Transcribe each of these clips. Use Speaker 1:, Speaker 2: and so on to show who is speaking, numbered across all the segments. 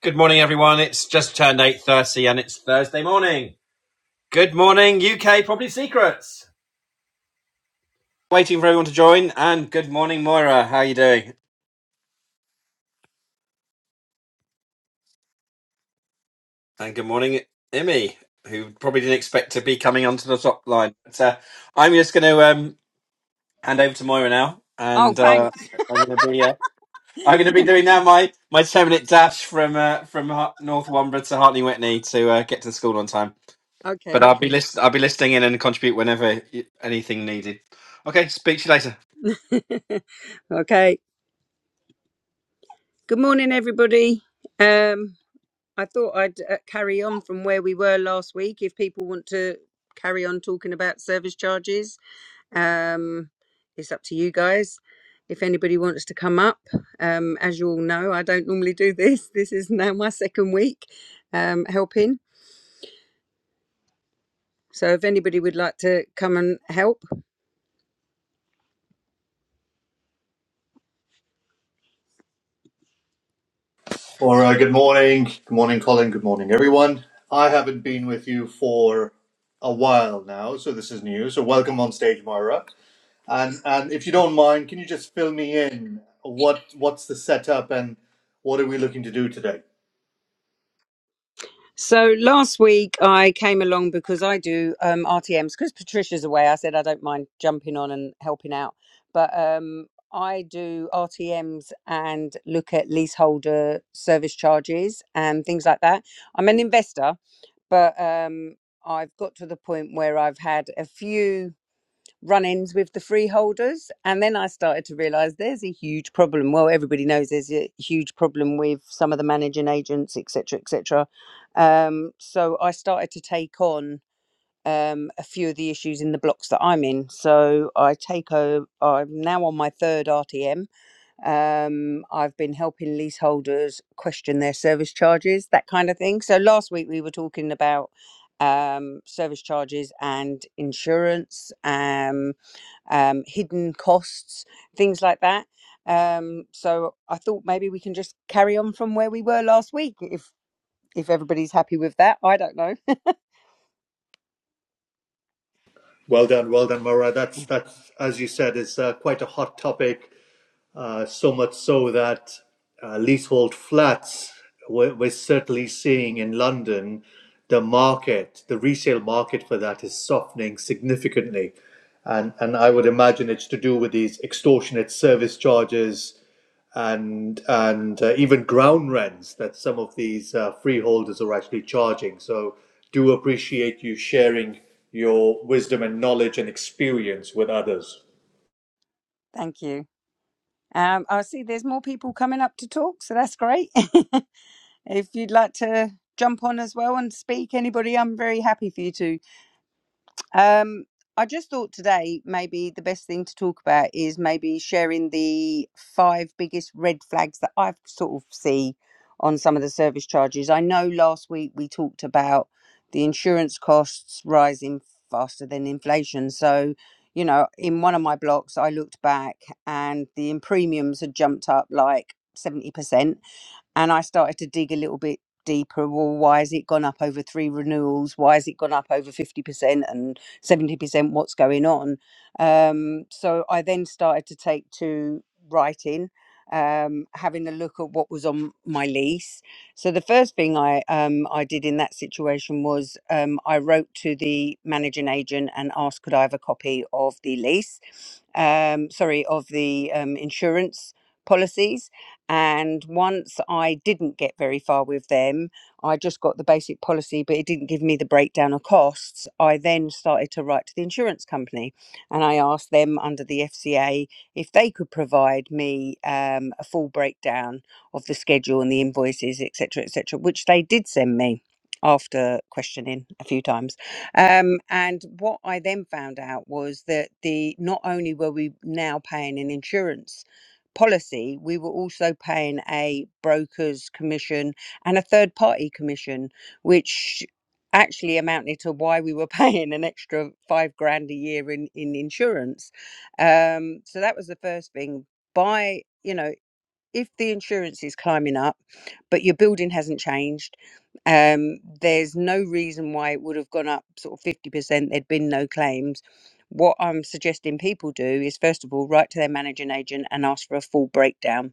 Speaker 1: Good morning, everyone. It's just turned eight thirty, and it's Thursday morning. Good morning, UK Property Secrets. Waiting for everyone to join. And good morning, Moira. How are you doing? And good morning, Emmy, who probably didn't expect to be coming onto the top line. But, uh, I'm just going to um, hand over to Moira now,
Speaker 2: Oh,
Speaker 1: and uh,
Speaker 2: thanks.
Speaker 1: I'm going to be uh, I'm going to be doing now my my ten minute dash from uh, from Har- North Womber to Hartney Whitney to uh, get to school on time. But
Speaker 2: Okay.
Speaker 1: I'll be list I'll be listening in and contribute whenever y- anything needed. Okay, speak to you later.
Speaker 2: okay. Good morning, everybody. Um, I thought I'd uh, carry on from where we were last week. If people want to carry on talking about service charges, um, it's up to you guys. If anybody wants to come up, um, as you all know, I don't normally do this. This is now my second week um, helping. So if anybody would like to come and help,
Speaker 3: All right, good morning. Good morning, Colin. Good morning, everyone. I haven't been with you for a while now, so this is new. So welcome on stage, Moira. And and if you don't mind, can you just fill me in? What what's the setup and what are we looking to do today?
Speaker 2: So last week I came along because I do um, RTMs because Patricia's away. I said I don't mind jumping on and helping out, but um, I do RTMs and look at leaseholder service charges and things like that. I'm an investor, but um, I've got to the point where I've had a few run-ins with the freeholders and then i started to realize there's a huge problem well everybody knows there's a huge problem with some of the managing agents etc etc um, so i started to take on um, a few of the issues in the blocks that i'm in so i take over i'm now on my third rtm um, i've been helping leaseholders question their service charges that kind of thing so last week we were talking about um, service charges and insurance um, um, hidden costs, things like that. Um, so I thought maybe we can just carry on from where we were last week, if if everybody's happy with that. I don't know.
Speaker 3: Well done, well done, Moira. That's
Speaker 2: Mm.
Speaker 3: that's as you said is uh, quite a hot topic Uh, so much so that uh, leasehold flats, we're, we're certainly seeing in London, the market, the resale market for that is softening significantly. And, and I would imagine it's to do with these extortionate service charges and and uh, even ground rents that some of these uh, freeholders are actually charging. So do appreciate you sharing your wisdom and knowledge and experience with others.
Speaker 2: Thank you. Um, I see there's more people coming up to talk, so that's great. if you'd like to jump on as well and speak, anybody, I'm very happy for you to. Um, I just thought today maybe the best thing to talk about is maybe sharing the five biggest red flags that I've sort of see on some of the service charges. I know last week we talked about the insurance costs rising faster than inflation. So, you know, in one of my blocks, I looked back and the premiums had jumped up like 70% and I started to dig a little bit deeper. Well, why has it gone up over three renewals? Why has it gone up over fifty percent and seventy percent? What's going on? Um, so I then started to take to writing, um, having a look at what was on my lease. So the first thing I um, I did in that situation was um, I wrote to the managing agent and asked could I have a copy of the lease, um, sorry, of the um, insurance policies and once I didn't get very far with them, I just got the basic policy, but it didn't give me the breakdown of costs. I then started to write to the insurance company and I asked them under the FCA if they could provide me um, a full breakdown of the schedule and the invoices, etc., etc., which they did send me after questioning a few times. Um, and what I then found out was that the not only were we now paying an insurance policy, we were also paying a broker's commission and a third party commission, which actually amounted to why we were paying an extra five grand a year in, in insurance. Um, so that was the first thing. By, you know, if the insurance is climbing up, but your building hasn't changed, um, there's no reason why it would have gone up sort of 50%, there'd been no claims. What I'm suggesting people do is, first of all, write to their managing agent and ask for a full breakdown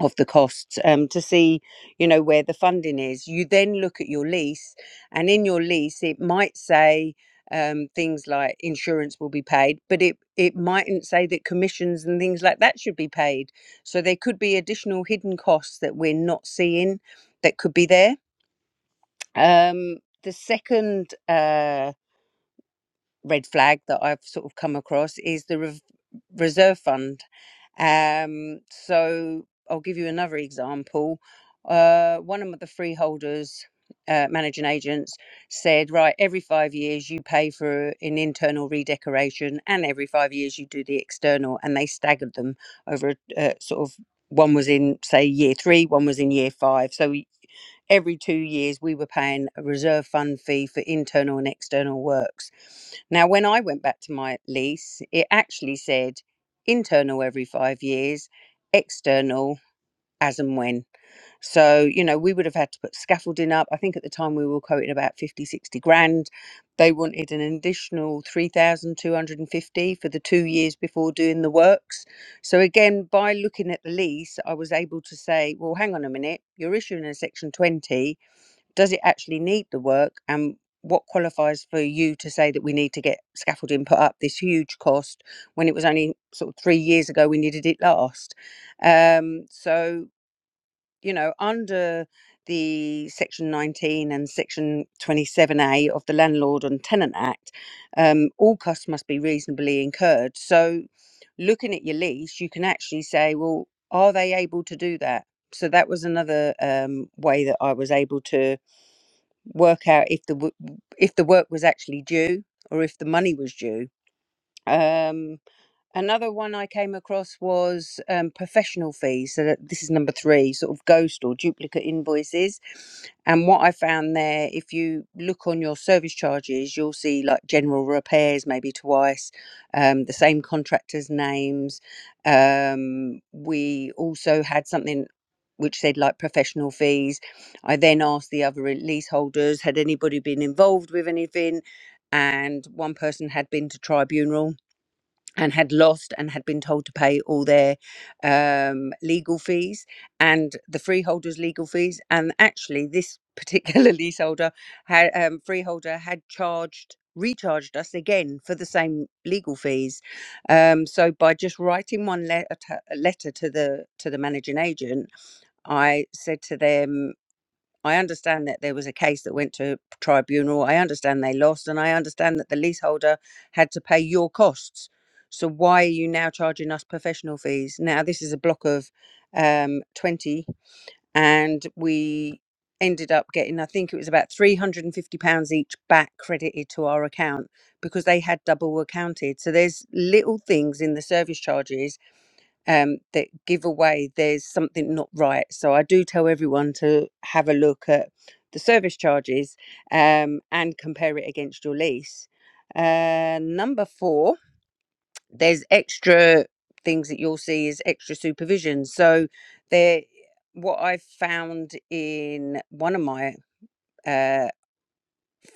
Speaker 2: of the costs um, to see you know where the funding is you then look at your lease and in your lease it might say um, things like insurance will be paid but it it mightn't say that commissions and things like that should be paid so there could be additional hidden costs that we're not seeing that could be there um, the second uh, red flag that I've sort of come across is the rev reserve fund. Um, so I'll give you another example. Uh, one of the freeholders, uh, managing agents, said, Right, every five years you pay for an internal redecoration, and every five years you do the external. And they staggered them over a uh, sort of one was in, say, year three, one was in year five. So every two years we were paying a reserve fund fee for internal and external works. Now, when I went back to my lease, it actually said internal every five years, external as and when. So, you know, we would have had to put scaffolding up. I think at the time we were quoting about 50, 60 grand. They wanted an additional 3,250 for the two years before doing the works. So again, by looking at the lease, I was able to say, well, hang on a minute, you're issuing a section 20 does it actually need the work and what qualifies for you to say that we need to get scaffolding put up this huge cost when it was only sort of three years ago we needed it last um, so you know under the section 19 and section 27a of the landlord and tenant act um, all costs must be reasonably incurred so looking at your lease you can actually say well are they able to do that so that was another um, way that i was able to work out if the w- if the work was actually due or if the money was due. Um, Another one I came across was um, professional fees. So that, this is number three, sort of ghost or duplicate invoices. And what I found there, if you look on your service charges, you'll see like general repairs maybe twice, um, the same contractors' names. Um, we also had something which said like professional fees. I then asked the other leaseholders, had anybody been involved with anything? And one person had been to tribunal and had lost and had been told to pay all their um, legal fees and the freeholders' legal fees. And actually, this particular leaseholder had um, freeholder had charged recharged us again for the same legal fees. Um, so by just writing one letter, letter to the to the managing agent, I said to them. I understand that there was a case that went to tribunal. I understand they lost, and I understand that the leaseholder had to pay your costs. So why are you now charging us professional fees? Now this is a block of um, twenty, and we ended up getting I think it was about three hundred and fifty pounds each back credited to our account because they had double accounted. So there's little things in the service charges um, that give away there's something not right. So I do tell everyone to have a look at the service charges um, and compare it against your lease. Uh, number four, there's extra things that you'll see is extra supervision. So there, what I've found in one of my uh,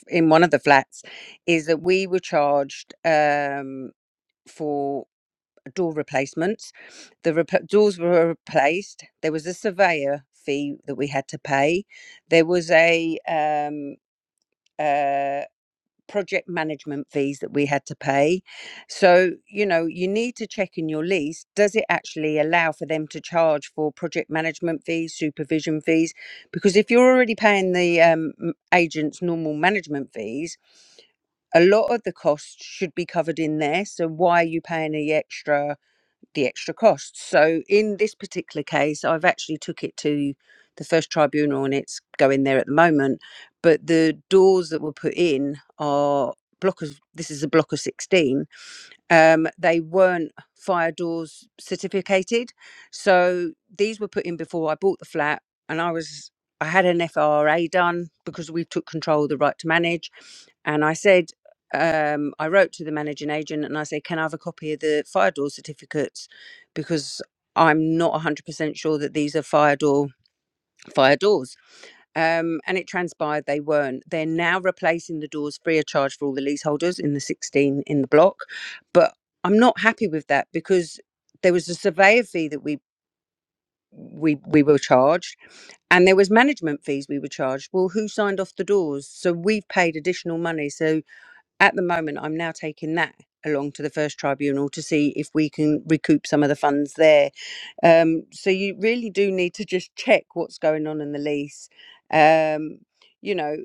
Speaker 2: in one of the flats is that we were charged um, for door replacements. The rep- doors were replaced. There was a surveyor fee that we had to pay. There was a um, uh, project management fees that we had to pay. So you know you need to check in your lease. Does it actually allow for them to charge for project management fees, supervision fees? Because if you're already paying the um, m- agent's normal management fees, a lot of the costs should be covered in there. So why are you paying the extra? the extra cost. So in this particular case, I've actually took it to the first tribunal and it's going there at the moment. But the doors that were put in are block of this is a block of 16 um, they weren't fire doors certificated. So these were put in before I bought the flat, and I was I had an FRA done because we took control of the right to manage, and I said. Um, I wrote to the managing agent and I said, Can I have a copy of the fire door certificates? Because I'm not 100% sure that these are fire door fire doors um, and it transpired they weren't. They're now replacing the doors free of charge for all the leaseholders in the 16 in the block. But I'm not happy with that because there was a surveyor fee that we we we were charged and there was management fees we were charged well who signed off the doors so we've paid additional money so at the moment, I'm now taking that along to the first tribunal to see if we can recoup some of the funds there. Um, so you really do need to just check what's going on in the lease. Um, you know,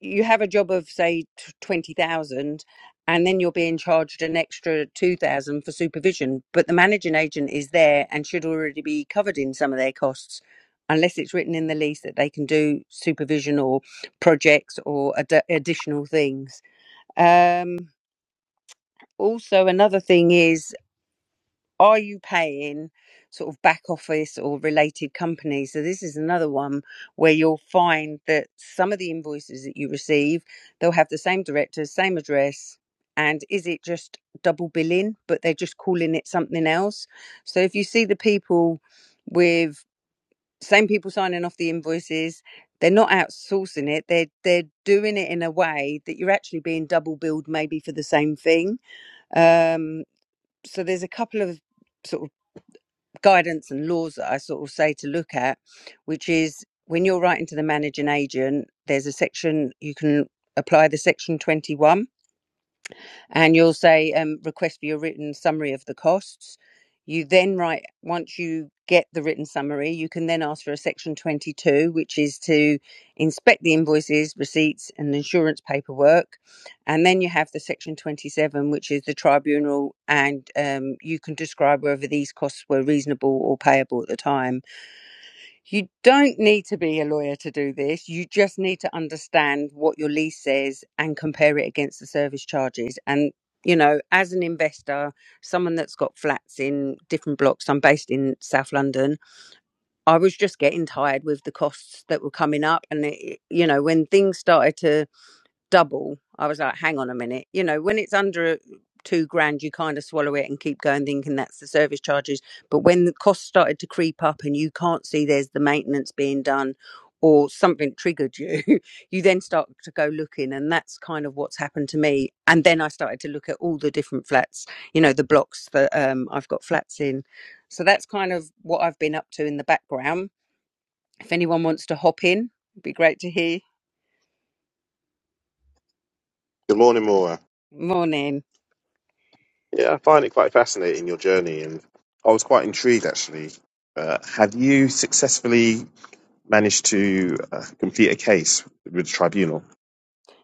Speaker 2: you have a job of say t- 20,000 and then you're being charged an extra 2,000 for supervision, but the managing agent is there and should already be covered in some of their costs unless it's written in the lease that they can do supervision or projects or ad- additional things. Um, also, another thing is, are you paying sort of back office or related companies? So, this is another one where you'll find that some of the invoices that you receive, they'll have the same directors, same address. And is it just double billing, but they're just calling it something else? So, if you see the people with same people signing off the invoices, they're not outsourcing it. They're they're doing it in a way that you're actually being double billed, maybe for the same thing. Um, so there's a couple of sort of guidance and laws that I sort of say to look at, which is when you're writing to the managing agent, there's a section you can apply the section 21 and you'll say um, request for your written summary of the costs. You then write, once you get the written summary, you can then ask for a section 22, which is to inspect the invoices, receipts, and insurance paperwork. And then you have the section 27, which is the tribunal, and um, you can describe whether these costs were reasonable or payable at the time you don't need to be a lawyer to do this. You just need to understand what your lease says and compare it against the service charges. And, you know, as an investor, someone that's got flats in different blocks, I'm based in South London, I was just getting tired with the costs that were coming up. And, it, you know, when things started to double, I was like, hang on a minute. You know, when it's under two grand, you kind of swallow it and keep going thinking that's the service charges. But when the costs started to creep up and you can't see there's the maintenance being done or something triggered you, you then start to go looking. And that's kind of what's happened to me. And then I started to look at all the different flats, you know, the blocks that um, I've got flats in. So that's kind of what I've been up to in the background. If anyone wants to hop in, it'd be great to hear.
Speaker 4: Good morning, Maura.
Speaker 2: Morning.
Speaker 4: Yeah, I find it quite fascinating your journey, and I was quite intrigued actually. Uh, have you successfully managed to uh, complete a case with the tribunal?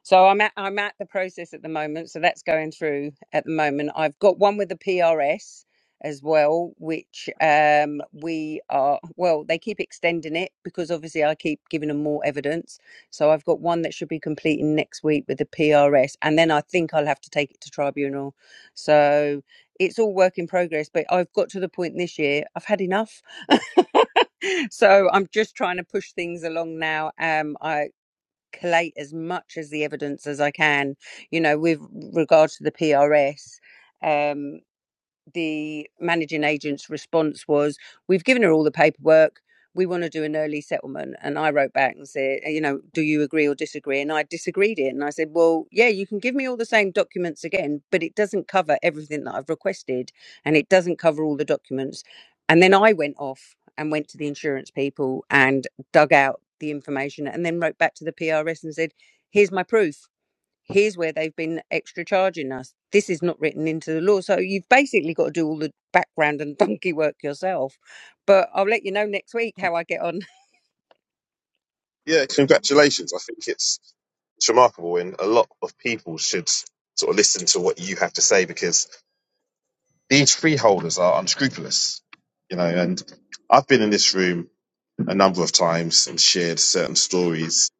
Speaker 2: So I'm at I'm at the process at the moment. So that's going through at the moment. I've got one with the PRS as well, which um, we are well. They keep extending it because obviously I keep giving them more evidence. So I've got one that should be completing next week with the PRS, and then I think I'll have to take it to tribunal. So it's all work in progress. But I've got to the point this year. I've had enough. so I'm just trying to push things along now. Um, I collate as much as the evidence as I can, you know, with regard to the PRS the managing agent's response was, "We've given her all the paperwork. We want to do an early settlement." And I wrote back and said, "You know, do you agree or disagree?" And I disagreed it, and I said, "Well, yeah, you can give me all the same documents again, but it doesn't cover everything that I've requested, and it doesn't cover all the documents." And then I went off and went to the insurance people and dug out the information, and then wrote back to the PRS and said, "Here's my proof." here's where they've been extra charging us. This is not written into the law. So you've basically got to do all the background and donkey work yourself. But I'll let you know next week how I get on.
Speaker 4: Yeah, congratulations. I think it's it's remarkable, and a lot of people should sort of listen to what you have to say because these freeholders are unscrupulous, you know. And I've been in this room a number of times and shared certain stories,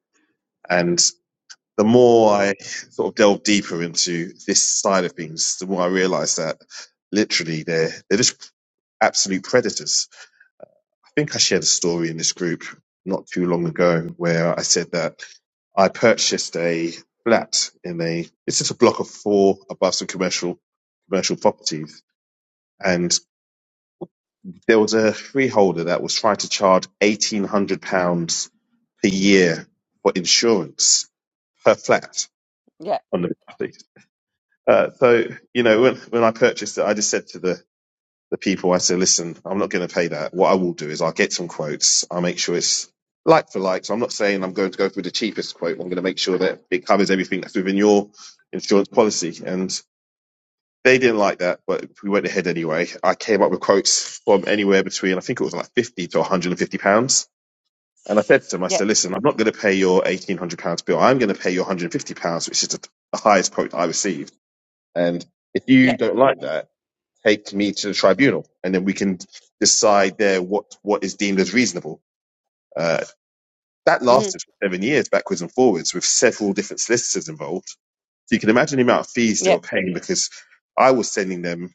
Speaker 4: the more I sort of delve deeper into this side of things, the more I realize that literally they're they're just absolute predators. I think I shared a story in this group not too long ago where I said that I purchased a flat in a it's just a block of four above some commercial commercial properties. And there was a freeholder that was trying to charge eighteen hundred pounds per year for insurance per flat
Speaker 2: Yeah,
Speaker 4: on the property. Uh, so you know, when when I purchased it, I just said to the the people, I said, listen, I'm not going to pay that. What I will do is I'll get some quotes. I'll make sure it's like for like. So I'm not saying I'm going to go for the cheapest quote. I'm going to make sure that it covers everything that's within your insurance policy. And they didn't like that, but we went ahead anyway. I came up with quotes from anywhere between I think it was like 50 to 150 pounds. And I said to them, I
Speaker 2: yeah,
Speaker 4: said, listen, I'm not going to pay your 1800 pounds bill. I'm going to pay your 150 pounds, which is the the highest quote I received. And if
Speaker 2: yeah,
Speaker 4: you don't like that, take me to the tribunal, and then we can decide there what what is deemed as reasonable. Uh, that
Speaker 2: mm-hmm,
Speaker 4: lasted for seven years, backwards and forwards, with several different solicitors involved. So you can imagine the amount of fees they
Speaker 2: yeah,
Speaker 4: were paying because I was sending them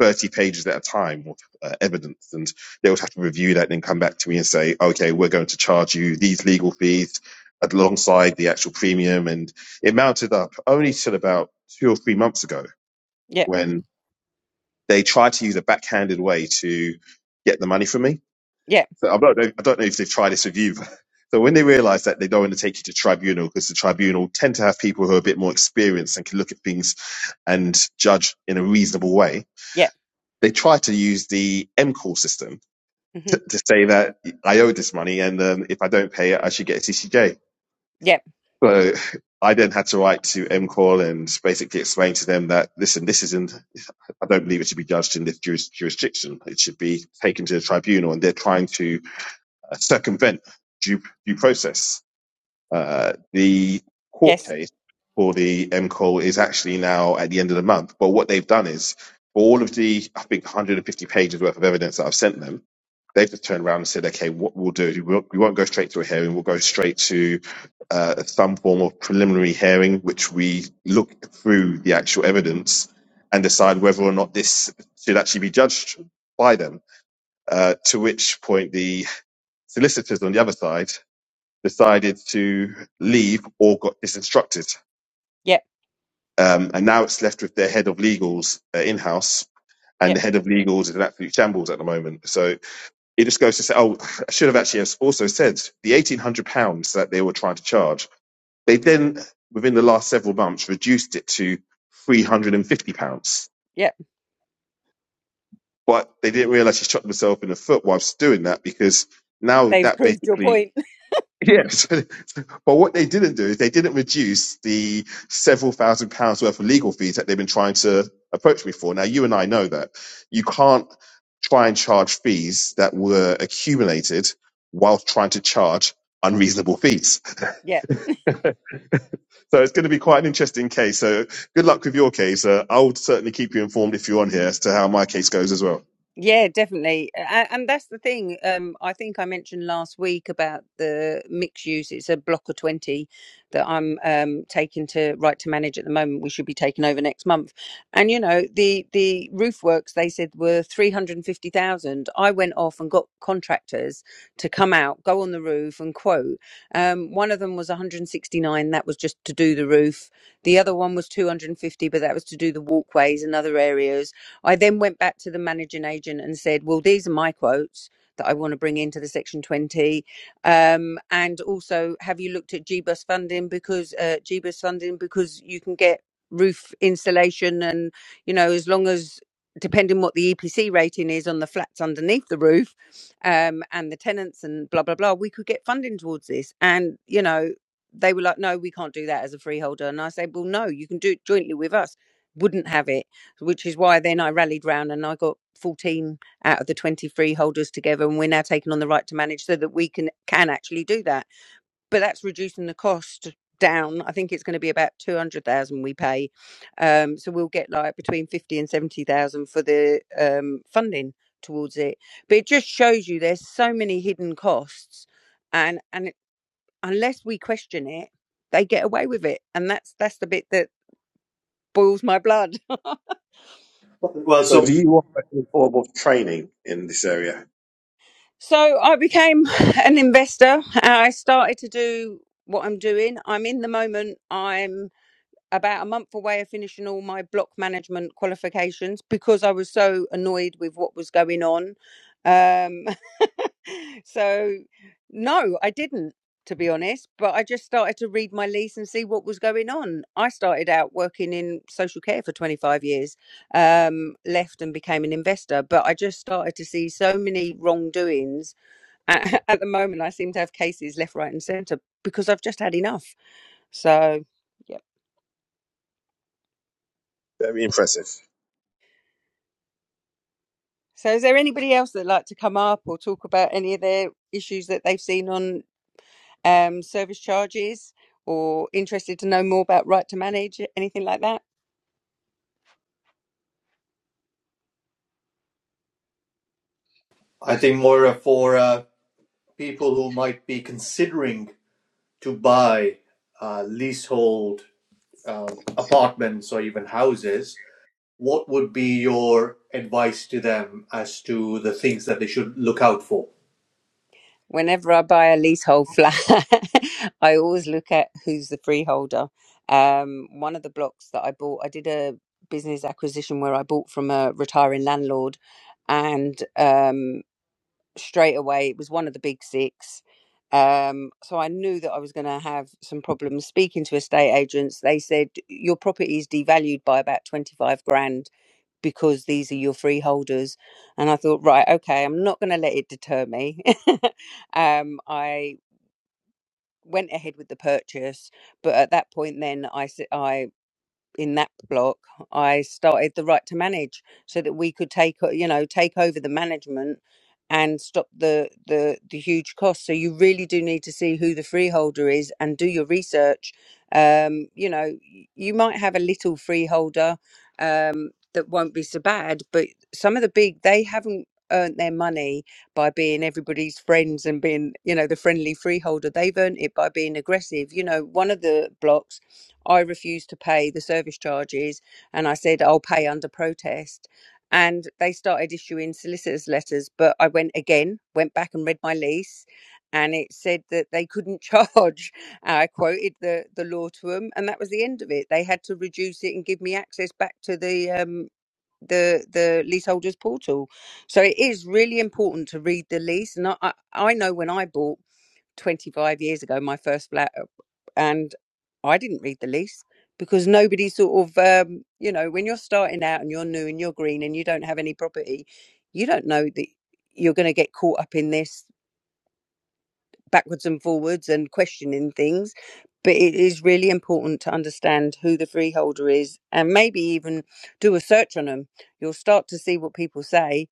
Speaker 4: thirty pages at a time of uh, evidence, and they would have to review that and then come back to me and say, "Okay, we're going to charge you these legal fees." Alongside the actual premium, and it mounted up only till about two or three months ago,
Speaker 2: yeah,
Speaker 4: when They try to use a backhanded way to get the money from me.
Speaker 2: yeah,
Speaker 4: So I don't know, I don't know if they've tried this with you. So when they realise that they don't want to take you to tribunal because the tribunal tend to have people who are a bit more experienced and can look at things and judge in a reasonable way,
Speaker 2: yeah,
Speaker 4: they try to use the M MCOR system
Speaker 2: mm-hmm,
Speaker 4: to, to say that I owe this money and um, if I don't pay it, I should get a CCJ.
Speaker 2: yeah,
Speaker 4: So I then had to write to M MCOR and basically explain to them that, listen, this isn't. I don't believe it should be judged in this juris, jurisdiction. It should be taken to the tribunal, and they're trying to uh, circumvent due, due process. Uh, the court
Speaker 2: yes,
Speaker 4: case for the MCO is actually now at the end of the month. But what they've done is, for all of the, I think, 150 pages worth of evidence that I've sent them, they've just turned around and said, okay, what we'll do is we won't, we won't go straight to a hearing. We'll go straight to uh, some form of preliminary hearing, which we look through the actual evidence and decide whether or not this should actually be judged by them. Uh, to which point the solicitors on the other side decided to leave or got disinstructed.
Speaker 2: yeah,
Speaker 4: Um, and now it's left with their head of legals uh, in house.
Speaker 2: yeah,
Speaker 4: And the head of legals is an absolute shambles at the moment. So it just goes to say, oh, I should have actually also said the eighteen hundred pounds that they were trying to charge. They then, within the last several months, reduced it to three hundred and fifty pounds.
Speaker 2: yeah.
Speaker 4: But they didn't realise she shot themselves in the foot whilst doing that because now
Speaker 2: They've
Speaker 4: that
Speaker 2: proved your
Speaker 4: basically
Speaker 2: point.
Speaker 4: Yes. But what they didn't do is they didn't reduce the several thousand pounds worth of legal fees that they've been trying to approach me for. Now, you and I know that you can't try and charge fees that were accumulated whilst trying to charge unreasonable fees.
Speaker 2: Yeah.
Speaker 4: So it's going to be quite an interesting case. So good luck with your case. Uh, I will certainly keep you informed if you're on here as to how my case goes as well.
Speaker 2: Yeah, definitely. A- And that's the thing. Um, I think I mentioned last week about the mixed use. It's a block of 20 that I'm um, taking to Right to Manage at the moment. We should be taking over next month. And, you know, the, the roof works, they said, were 350,000. I went off and got contractors to come out, go on the roof and quote. Um, one of them was 169. That was just to do the roof. The other one was 250, but that was to do the walkways and other areas I then went back to the managing agent and said, "Well, these are my quotes that I want to bring into the Section 20, um, and also, have you looked at GBUS funding because uh, GBUS funding because you can get roof installation and you know as long as depending what the EPC rating is on the flats underneath the roof um, and the tenants and blah blah blah, we could get funding towards this." And you know. They were like, no, we can't do that as a freeholder. And I said, well, no, you can do it jointly with us. Wouldn't have it which is why then I rallied round and I got 14 out of the 23 holders together, and we're now taking on the right to manage so that we can can actually do that. But that's reducing the cost down. I think it's going to be about 200,000 we pay, um, so we'll get like between 50 and 70,000 for the um, funding towards it. But it just shows you there's so many hidden costs, and and it- unless we question it, they get away with it, and that's that's the bit that boils my blood.
Speaker 3: Well,
Speaker 4: So
Speaker 3: so
Speaker 4: do you offer any form of training in this area?
Speaker 2: So I became an investor. Uh, I started to do what I'm doing. I'm in the moment. I'm about a month away of finishing all my block management qualifications because I was so annoyed with what was going on. Um, so no, I didn't. To be honest, but I just started to read my lease and see what was going on. I started out working in social care for 25 years, um, left and became an investor, but I just started to see so many wrongdoings at, at the moment I seem to have cases left, right, and centre because I've just had enough. So, yeah.
Speaker 4: Very impressive.
Speaker 2: So, is there anybody else that'd like to come up or talk about any of their issues that they've seen on um, service charges or interested to know more about right to manage, anything like that?
Speaker 3: I think Moira for uh, people who might be considering to buy uh, leasehold uh, apartments or even houses, what would be your advice to them as to the things that they should look out for?
Speaker 2: Whenever I buy a leasehold flat, I always look at who's the freeholder. Um, one of the blocks that I bought, I did a business acquisition where I bought from a retiring landlord, and um, straight away. It was one of the big six. Um, so I knew that I was going to have some problems speaking to estate agents. They said your property is devalued by about 25 grand because these are your freeholders. And I thought, right, okay, I'm not going to let it deter me. um, I went ahead with the purchase, but at that point, then I I in that block, I started the right to manage so that we could take o- you know take over the management and stop the the the huge costs. So you really do need to see who the freeholder is and do your research. Um, you know, y- you might have a little freeholder um, that won't be so bad, but some of the big they haven't earned their money by being everybody's friends and being you know the friendly freeholder they've earned it by being aggressive you know one of the blocks I refused to pay the service charges and I said, I'll pay under protest. And they started issuing solicitors' letters, but I went again, went back and read my lease, and it said that they couldn't charge. I quoted the, the law to them, and that was the end of it. They had to reduce it and give me access back to the um, the the leaseholders portal. So it is really important to read the lease. And I I I know when I bought 25 years ago my first flat and I didn't read the lease because nobody sort of um, you know when you're starting out and you're new and you're green and you don't have any property, you don't know that you're going to get caught up in this backwards and forwards and questioning things. But it is really important to understand who the freeholder is and maybe even do a search on them. You'll start to see what people say.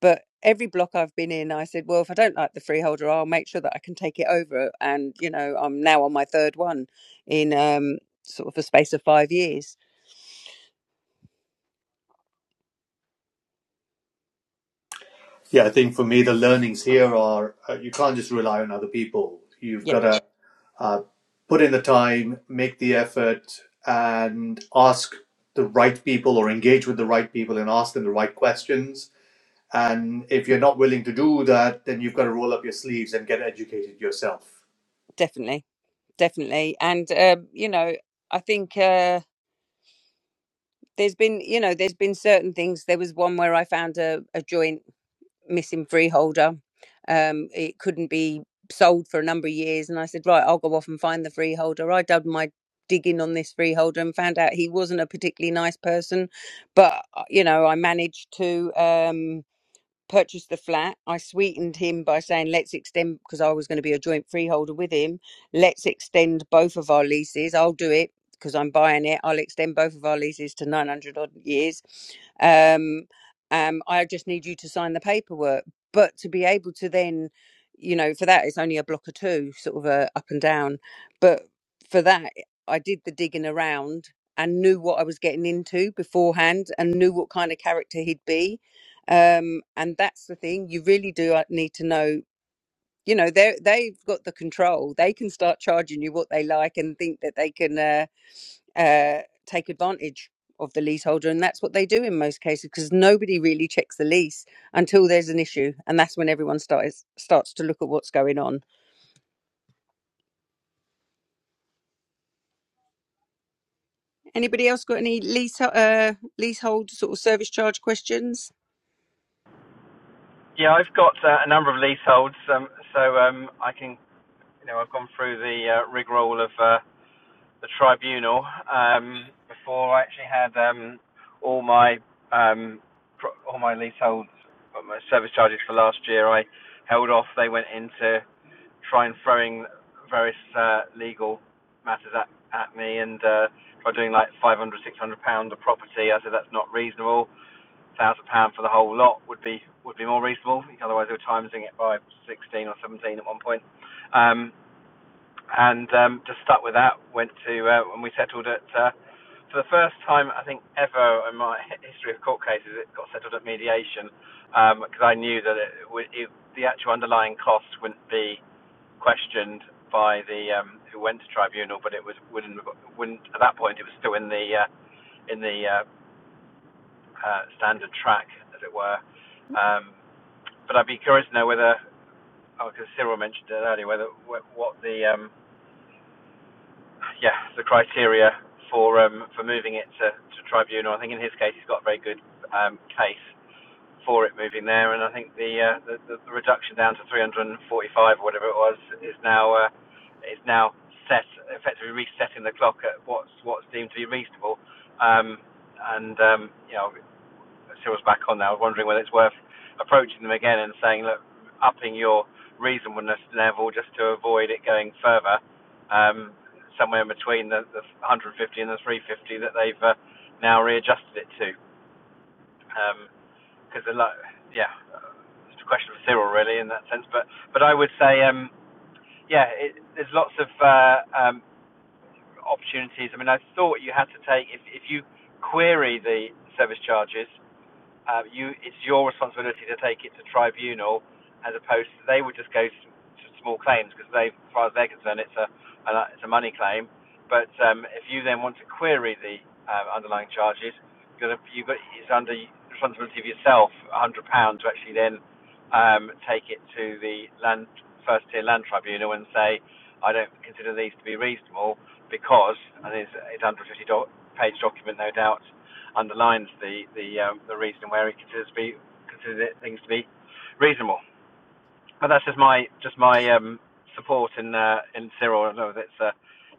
Speaker 2: But every block I've been in, I said, well, if I don't like the freeholder, I'll make sure that I can take it over. And, you know, I'm now on my third one in um, sort of a space of five years.
Speaker 3: Yeah, I think for me, the learnings here are uh, you can't just rely on other people. You've
Speaker 2: Yeah,
Speaker 3: got to uh, put in the time, make the effort, and ask the right people or engage with the right people and ask them the right questions And if you're not willing to do that, then you've got to roll up your sleeves and get educated yourself.
Speaker 2: definitely, definitely. And um, you know, I think uh, there's been, you know, there's been certain things. There was one where I found a, a joint. missing freeholder. Um, it couldn't be sold for a number of years. And I said, right, I'll go off and find the freeholder. I dug my digging on this freeholder and found out he wasn't a particularly nice person. But, uh, you know, I managed to. Um, purchased the flat. I sweetened him by saying, let's extend, because I was going to be a joint freeholder with him, let's extend both of our leases. I'll do it because I'm buying it. I'll extend both of our leases to 900 odd years. Um, um, I just need you to sign the paperwork. But to be able to then, you know, for that, it's only a block or two, sort of a up and down. But for that, I did the digging around and knew what I was getting into beforehand and knew what kind of character he'd be um and that's the thing you really do uh, need to know you know they they've got the control they can start charging you what they like and think that they can uh, uh take advantage of the leaseholder and that's what they do in most cases because nobody really checks the lease until there's an issue and that's when everyone starts starts to look at what's going on anybody else got any lease uh leasehold sort of service charge questions
Speaker 1: Yeah, I've got uh, a number of leaseholds, um, so um, I can, you know, I've gone through the uh, rigmarole of uh, the tribunal um, before I actually had um, all my um, pro- all my leaseholds, uh, my service charges for last year. I held off; they went into try and throwing various uh, legal matters at, at me and uh, try doing like 500, 600 pound a property. I said that's not reasonable. one Thousand pound for the whole lot would be would be more. Otherwise, they were timesing it by 16 or 17 at one point. Um, and um, just stuck with that. Went to uh, and we settled at uh, for the first time I think ever in my history of court cases, it got settled at mediation because um, I knew that it, would- it, the actual underlying costs wouldn't be questioned by the um, who went to tribunal, but it was wouldn't wouldn't at that point it was still in the uh, in the uh, uh, standard track, as it were. Um, but I'd be curious to know whether, oh, because Cyril mentioned it earlier, whether what the um, yeah the criteria for um, for moving it to, to tribunal. I think in his case he's got a very good um, case for it moving there, and I think the uh, the, the the reduction down to 345 or whatever it was is now. Uh, is now set, effectively resetting the clock at what's what's deemed to be reasonable. Um, and um, you know, Cyril's back on now. I was wondering whether it's worth approaching them again and saying, look, upping your reasonableness level just to avoid it going further, um, somewhere in between the, the 150 and the 350 that they've uh, now readjusted it to. Because a yeah, it's quite in that sense. But but I um yeah, it, there's lots of uh, um, opportunities? I mean, I thought you had to take if if you query the service charges, uh, you it's your responsibility to take it to tribunal as opposed to they would just go to, to small claims because they as far as they're concerned it's a an, it's a money claim but um, if you then want to query the uh, underlying charges you've got, you've got it's under responsibility of yourself 100 pounds to actually then um, take it to the land first tier land tribunal and say I don't consider these to be reasonable because and it's, it's under a 50 page document no doubt underlines the the um, the reason where it considers to be considers things to be reasonable. But that's just my just my um, support in uh, in Cyril. I know that's uh,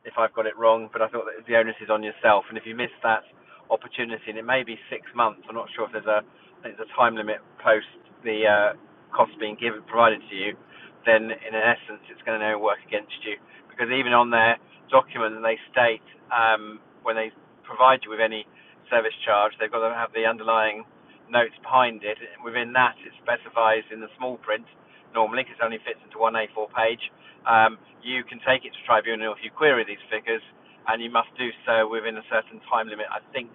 Speaker 1: if I've got it wrong, but I thought that the onus is on yourself. And if you miss that opportunity, and it may be six months, I'm not sure if there's a I think there's a time limit post the uh, cost being given provided to you, then in essence it's going to work against you because even on their document they state um, when they provide you with any service charge they've got to have the underlying notes behind it. within that it specifies in the small print normally because it only fits into one A4 page um, you can take it to tribunal if you query these figures, and you must do so within a certain time limit. I think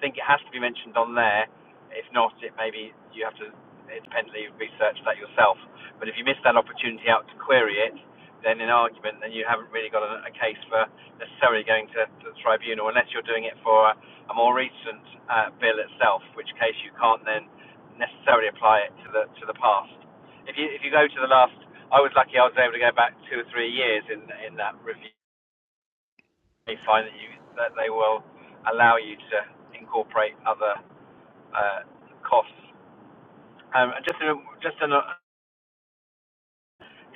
Speaker 1: think it has to be mentioned on there. If not, it maybe you have to independently research that yourself. But if you miss that opportunity out to query it, then in argument, then you haven't really got a, a case for necessarily going to, to the tribunal, unless you're doing it for a, a more recent uh, bill itself, which case you can't then necessarily apply it to the to the past. If you if you go to the last I was lucky I was able to go back two or three years in in that review. They find that you that they will allow you to incorporate other uh, costs. Um, and just in a, just in a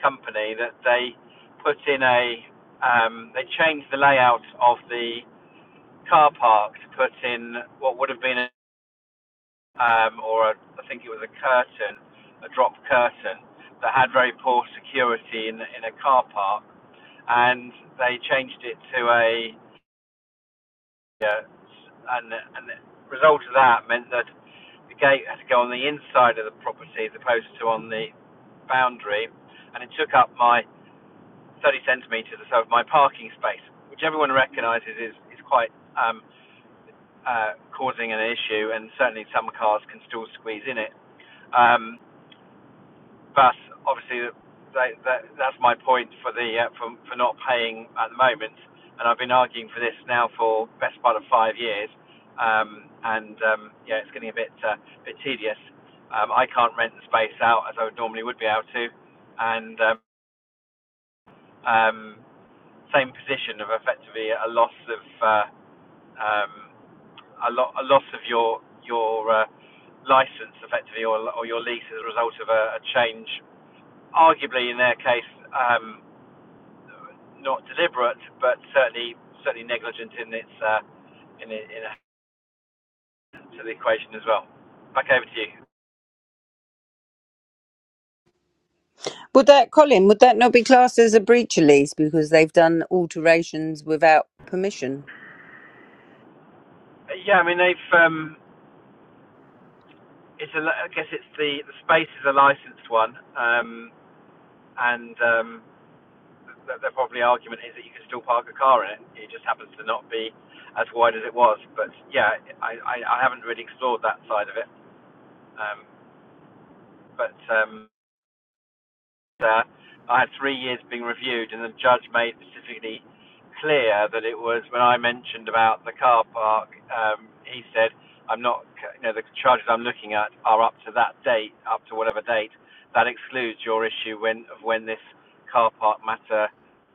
Speaker 1: company that they put in a um, they changed the layout of the car park to put in what would have been a, um, or a, I think it was a curtain, a drop curtain that had very poor security in in a car park, and they changed it to a Yeah, and and the result of that meant that the gate had to go on the inside of the property as opposed to on the boundary, and it took up my 30 centimetres or so of my parking space, which everyone recognises is is quite um, uh, causing an issue, and certainly some cars can still squeeze in it. Um, But obviously, they, that, that's my point for the uh, for, for not paying at the moment. And I've been arguing for this now for best part of five years. Um, and um, yeah, it's getting a bit uh, bit tedious. Um, I can't rent the space out as I would normally would be able to, and um, um, same position of effectively a loss of uh, um, a, lo- a loss of your your uh, license effectively or, or your lease as a result of a, a change, arguably in their case. Um, not deliberate, but certainly certainly negligent in its uh, in it, in to the equation as well. Back over to you.
Speaker 2: Would that, Colin, would that not be classed as a breach release because they've done alterations without permission?
Speaker 1: Uh, Yeah, I mean they've um, it's a. I guess it's the the space is a licensed one, um, and um, their probably argument is that you can still park a car in it. It just happens to not be as wide as it was. But yeah, I I, I haven't really explored that side of it. Um, but um, I had three years being reviewed, and the judge made specifically clear that it was when I mentioned about the car park. Um, he said, "I'm not. You know, the charges I'm looking at are up to that date, up to whatever date. That excludes your issue when of when this car park matter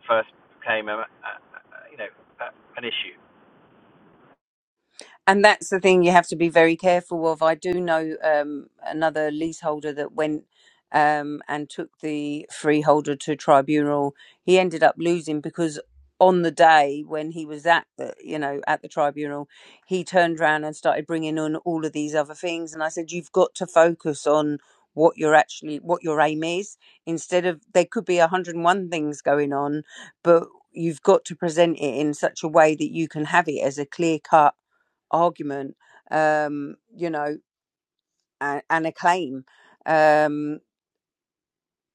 Speaker 1: first became a, a, a you know a, an issue."
Speaker 2: And that's the thing you have to be very careful of. I do know um, another leaseholder that went um, and took the freeholder to tribunal. He ended up losing because on the day when he was at the, you know, at the tribunal, he turned around and started bringing on all of these other things. And I said, you've got to focus on what you're actually, what your aim is. Instead of there could be 101 things going on, but you've got to present it in such a way that you can have it as a clear cut argument, um, you know, and, and a claim. Um,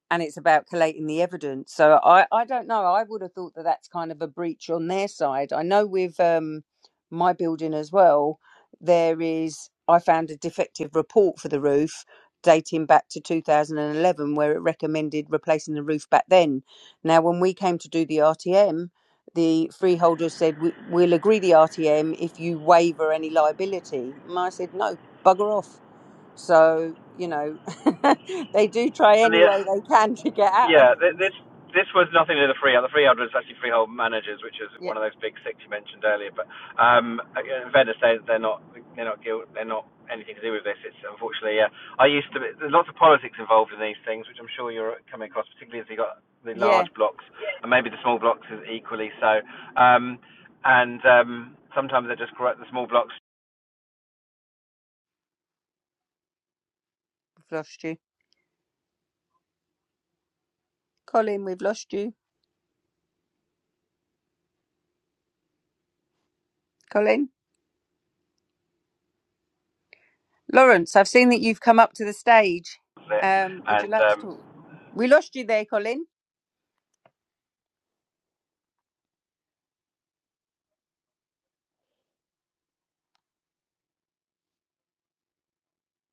Speaker 2: and it's about collating the evidence. So I, I don't know. I would have thought that that's kind of a breach on their side. I know with um, my building as well, there is, I found a defective report for the roof dating back to 2011 where it recommended replacing the roof back then. Now, when we came to do the RTM, the freeholder said, "We- We'll agree the RTM if you waiver any liability. And I said, No, bugger off so, you know, they do try
Speaker 1: And
Speaker 2: any
Speaker 1: the
Speaker 2: way they can to get out of
Speaker 1: Yeah, th-
Speaker 2: things.
Speaker 1: this this was nothing to do with the freehold. The freehold was actually freehold managers, which is
Speaker 2: Yeah.
Speaker 1: one of those big six you mentioned earlier. But um, in fairness, they're, they're not they're not guilt, they're not anything to do with this. It's unfortunately, uh, I used to. There's lots of politics involved in these things, which I'm sure you're coming across, particularly as you got the
Speaker 2: Yeah.
Speaker 1: large blocks and maybe the small blocks is equally so. Um, and um, sometimes they're just corrupt. The small blocks
Speaker 2: We've lost you. Colin, we've lost you. Colin. Lawrence, I've seen that you've come up to the stage.
Speaker 1: it,
Speaker 2: Um, would you
Speaker 1: and
Speaker 2: like to talk?
Speaker 1: um,
Speaker 2: We lost you there, Colin.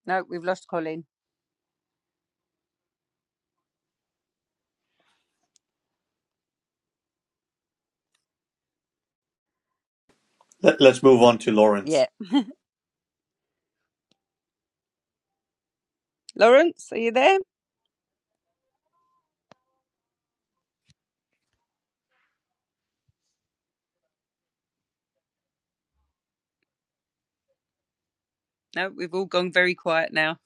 Speaker 2: No, we've lost Colin.
Speaker 3: Let, us move on to Lawrence.
Speaker 2: Yeah. Lawrence, are you there? No, we've all gone very quiet now.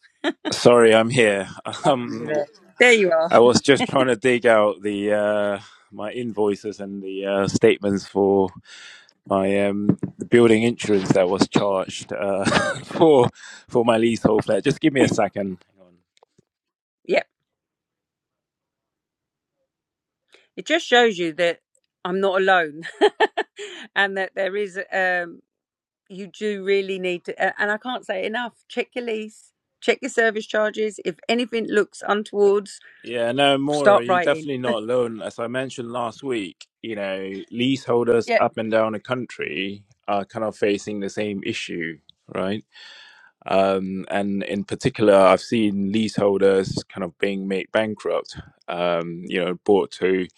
Speaker 5: Sorry, I'm here.
Speaker 2: Oh, you're
Speaker 5: Um,
Speaker 2: there. there you are.
Speaker 5: I was just trying to dig out the uh, my invoices and the uh, statements for my um, the building insurance that was charged uh, for for my leasehold flat. Just give me a second.
Speaker 2: Yep. It just shows you that I'm not alone and that there is um you do really need to, and I can't say it enough, check your lease, check your service charges. If anything looks untoward,
Speaker 5: Yeah, no, Maura,
Speaker 2: start
Speaker 5: you're
Speaker 2: writing.
Speaker 5: definitely not alone. As I mentioned last week, you know, leaseholders
Speaker 2: Yep,
Speaker 5: up and down the country are kind of facing the same issue, right? Um, and in particular, I've seen leaseholders kind of being made bankrupt, um, you know, brought to, you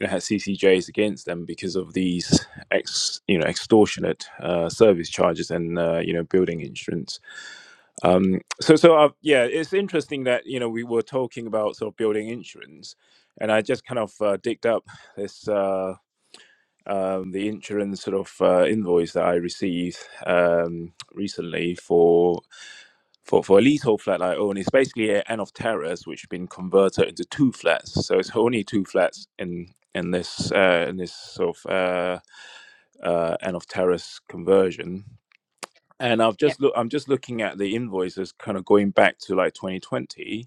Speaker 5: know, had CCJs against them because of these ex, you know, extortionate uh, service charges and, uh, you know, building insurance. Um, so, so i yeah, it's interesting that, you know, we were talking about sort of building insurance and I just kind of uh, digged up this, uh, um, the insurance sort of uh, invoice that I received um, recently for for, for a leasehold flat I own, it's basically an end of terrace which has been converted into two flats. So it's only two flats in in this uh, in this sort of uh, uh, end of terrace conversion. And I've
Speaker 2: yep.
Speaker 5: just look I'm just looking at the invoices kind of going back to like 2020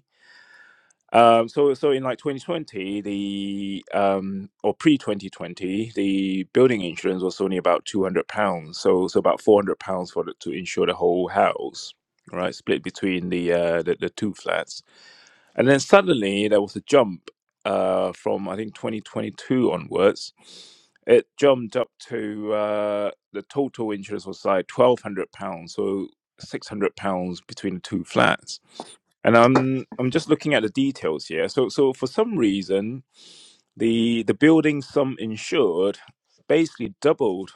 Speaker 5: um, so, so in like 2020, the um, or pre 2020, the building insurance was only about 200 pounds. So, so about 400 pounds for the, to insure the whole house, right? Split between the, uh, the the two flats. And then suddenly there was a jump uh, from I think 2022 onwards. It jumped up to uh, the total interest was like 1,200 pounds, so 600 pounds between the two flats. And I'm I'm just looking at the details here. So so for some reason the the building sum insured basically doubled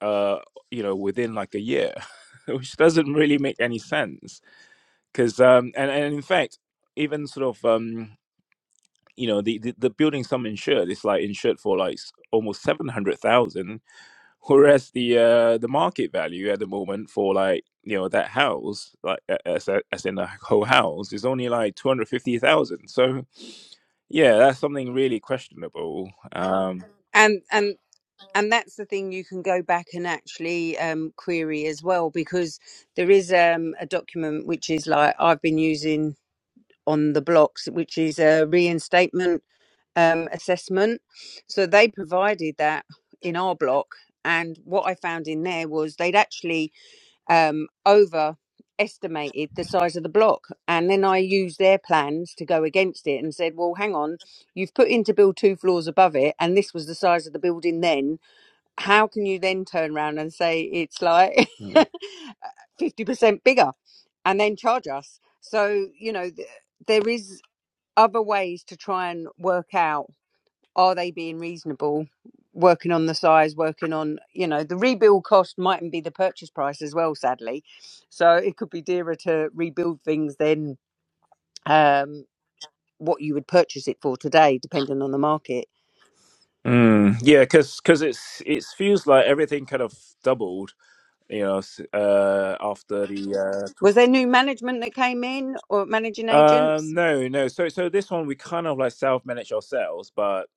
Speaker 5: uh you know within like a year, which doesn't really make any sense because um and, and in fact even sort of um you know the, the the building some insured it's like insured for like s- almost 700,000 whereas the uh the market value at the moment for like you know that house like a- as, a- as in the whole house is only like 250,000 so yeah that's something really questionable um
Speaker 2: and and and that's the thing you can go back and actually um, query as well because there is um, a document which is like I've been using on the blocks, which is a reinstatement um, assessment. So they provided that in our block, and what I found in there was they'd actually um, overestimated the size of the block. And then I used their plans to go against it and said, well, hang on, you've put in to build two floors above it, and this was the size of the building then. How can you then turn around and say it's like
Speaker 5: Mm.
Speaker 2: 50% bigger and then charge us? So, you know, th- there is other ways to try and work out are they being reasonable working on the size working on you know the rebuild cost mightn't be the purchase price as well sadly so it could be dearer to rebuild things than um, what you would purchase it for today depending on the market
Speaker 5: Mm, yeah, because because it's it feels like everything kind of doubled, you know, s- uh, after the uh,
Speaker 2: was there new management that came in or managing
Speaker 5: Um,
Speaker 2: agents
Speaker 5: no, no. So, so this one we kind of like self-manage ourselves, but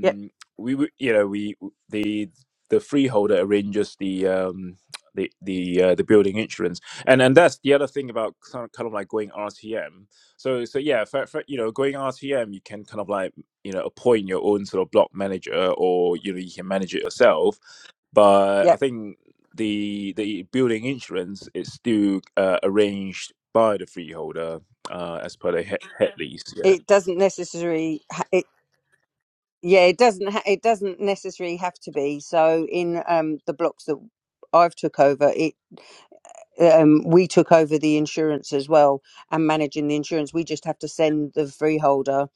Speaker 2: yep
Speaker 5: we, w- you know, we the the freeholder arranges the um the the uh, the building insurance, and and that's the other thing about kind of, kind of like going RTM. So, so yeah, for, for, you know, going RTM, you can kind of like you know appoint your own sort of block manager, or you know, you can manage it yourself but I
Speaker 2: yep
Speaker 5: think the the building insurance is still uh, arranged by the freeholder uh, as per the he- head lease. Yeah.
Speaker 2: it doesn't necessarily ha- it yeah it doesn't ha- it doesn't necessarily have to be so in um the blocks that i've took over it. um, we took over the insurance as well and managing the insurance. We just have to send the freeholder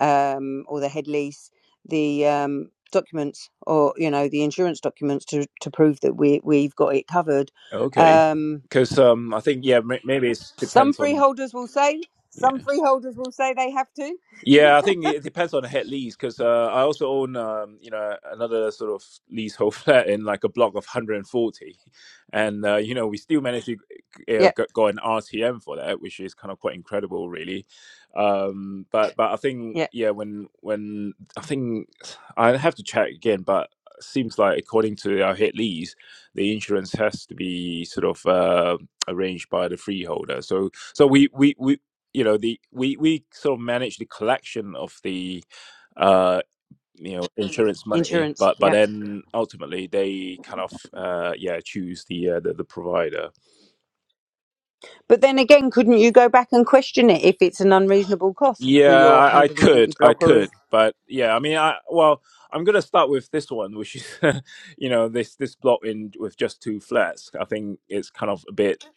Speaker 2: um, or the head lease the um, documents or you know the insurance documents to to prove that we we've got it covered.
Speaker 5: Okay.
Speaker 2: Um,
Speaker 5: Because um, I think yeah, may- maybe it
Speaker 2: some
Speaker 5: depends on
Speaker 2: freeholders will say,
Speaker 5: yeah.
Speaker 2: some freeholders will say they have to.
Speaker 5: Yeah, I think it depends on the head lease because uh, I also own, um, you know, another sort of leasehold flat in like a block of 140, and uh, you know, we still managed to uh,
Speaker 2: Yeah,
Speaker 5: go go an RTM for that, which is kind of quite incredible, really. Um, but but I think
Speaker 2: yeah,
Speaker 5: yeah, when when I think I have to check again, but seems like according to our head lease, the insurance has to be sort of uh, arranged by the freeholder. So so we we we you know the we we sort of manage the collection of the uh you know insurance money
Speaker 2: insurance.
Speaker 5: but but
Speaker 2: Yeah,
Speaker 5: then ultimately they kind of uh yeah choose the uh, the, the provider
Speaker 2: but then again, couldn't you go back and question it if it's an unreasonable cost for
Speaker 5: yeah
Speaker 2: your
Speaker 5: I, I
Speaker 2: 140
Speaker 5: could i
Speaker 2: block or is
Speaker 5: could but yeah i mean i well i'm gonna start with this one which is you know this this block in with just two flats i think it's kind of a bit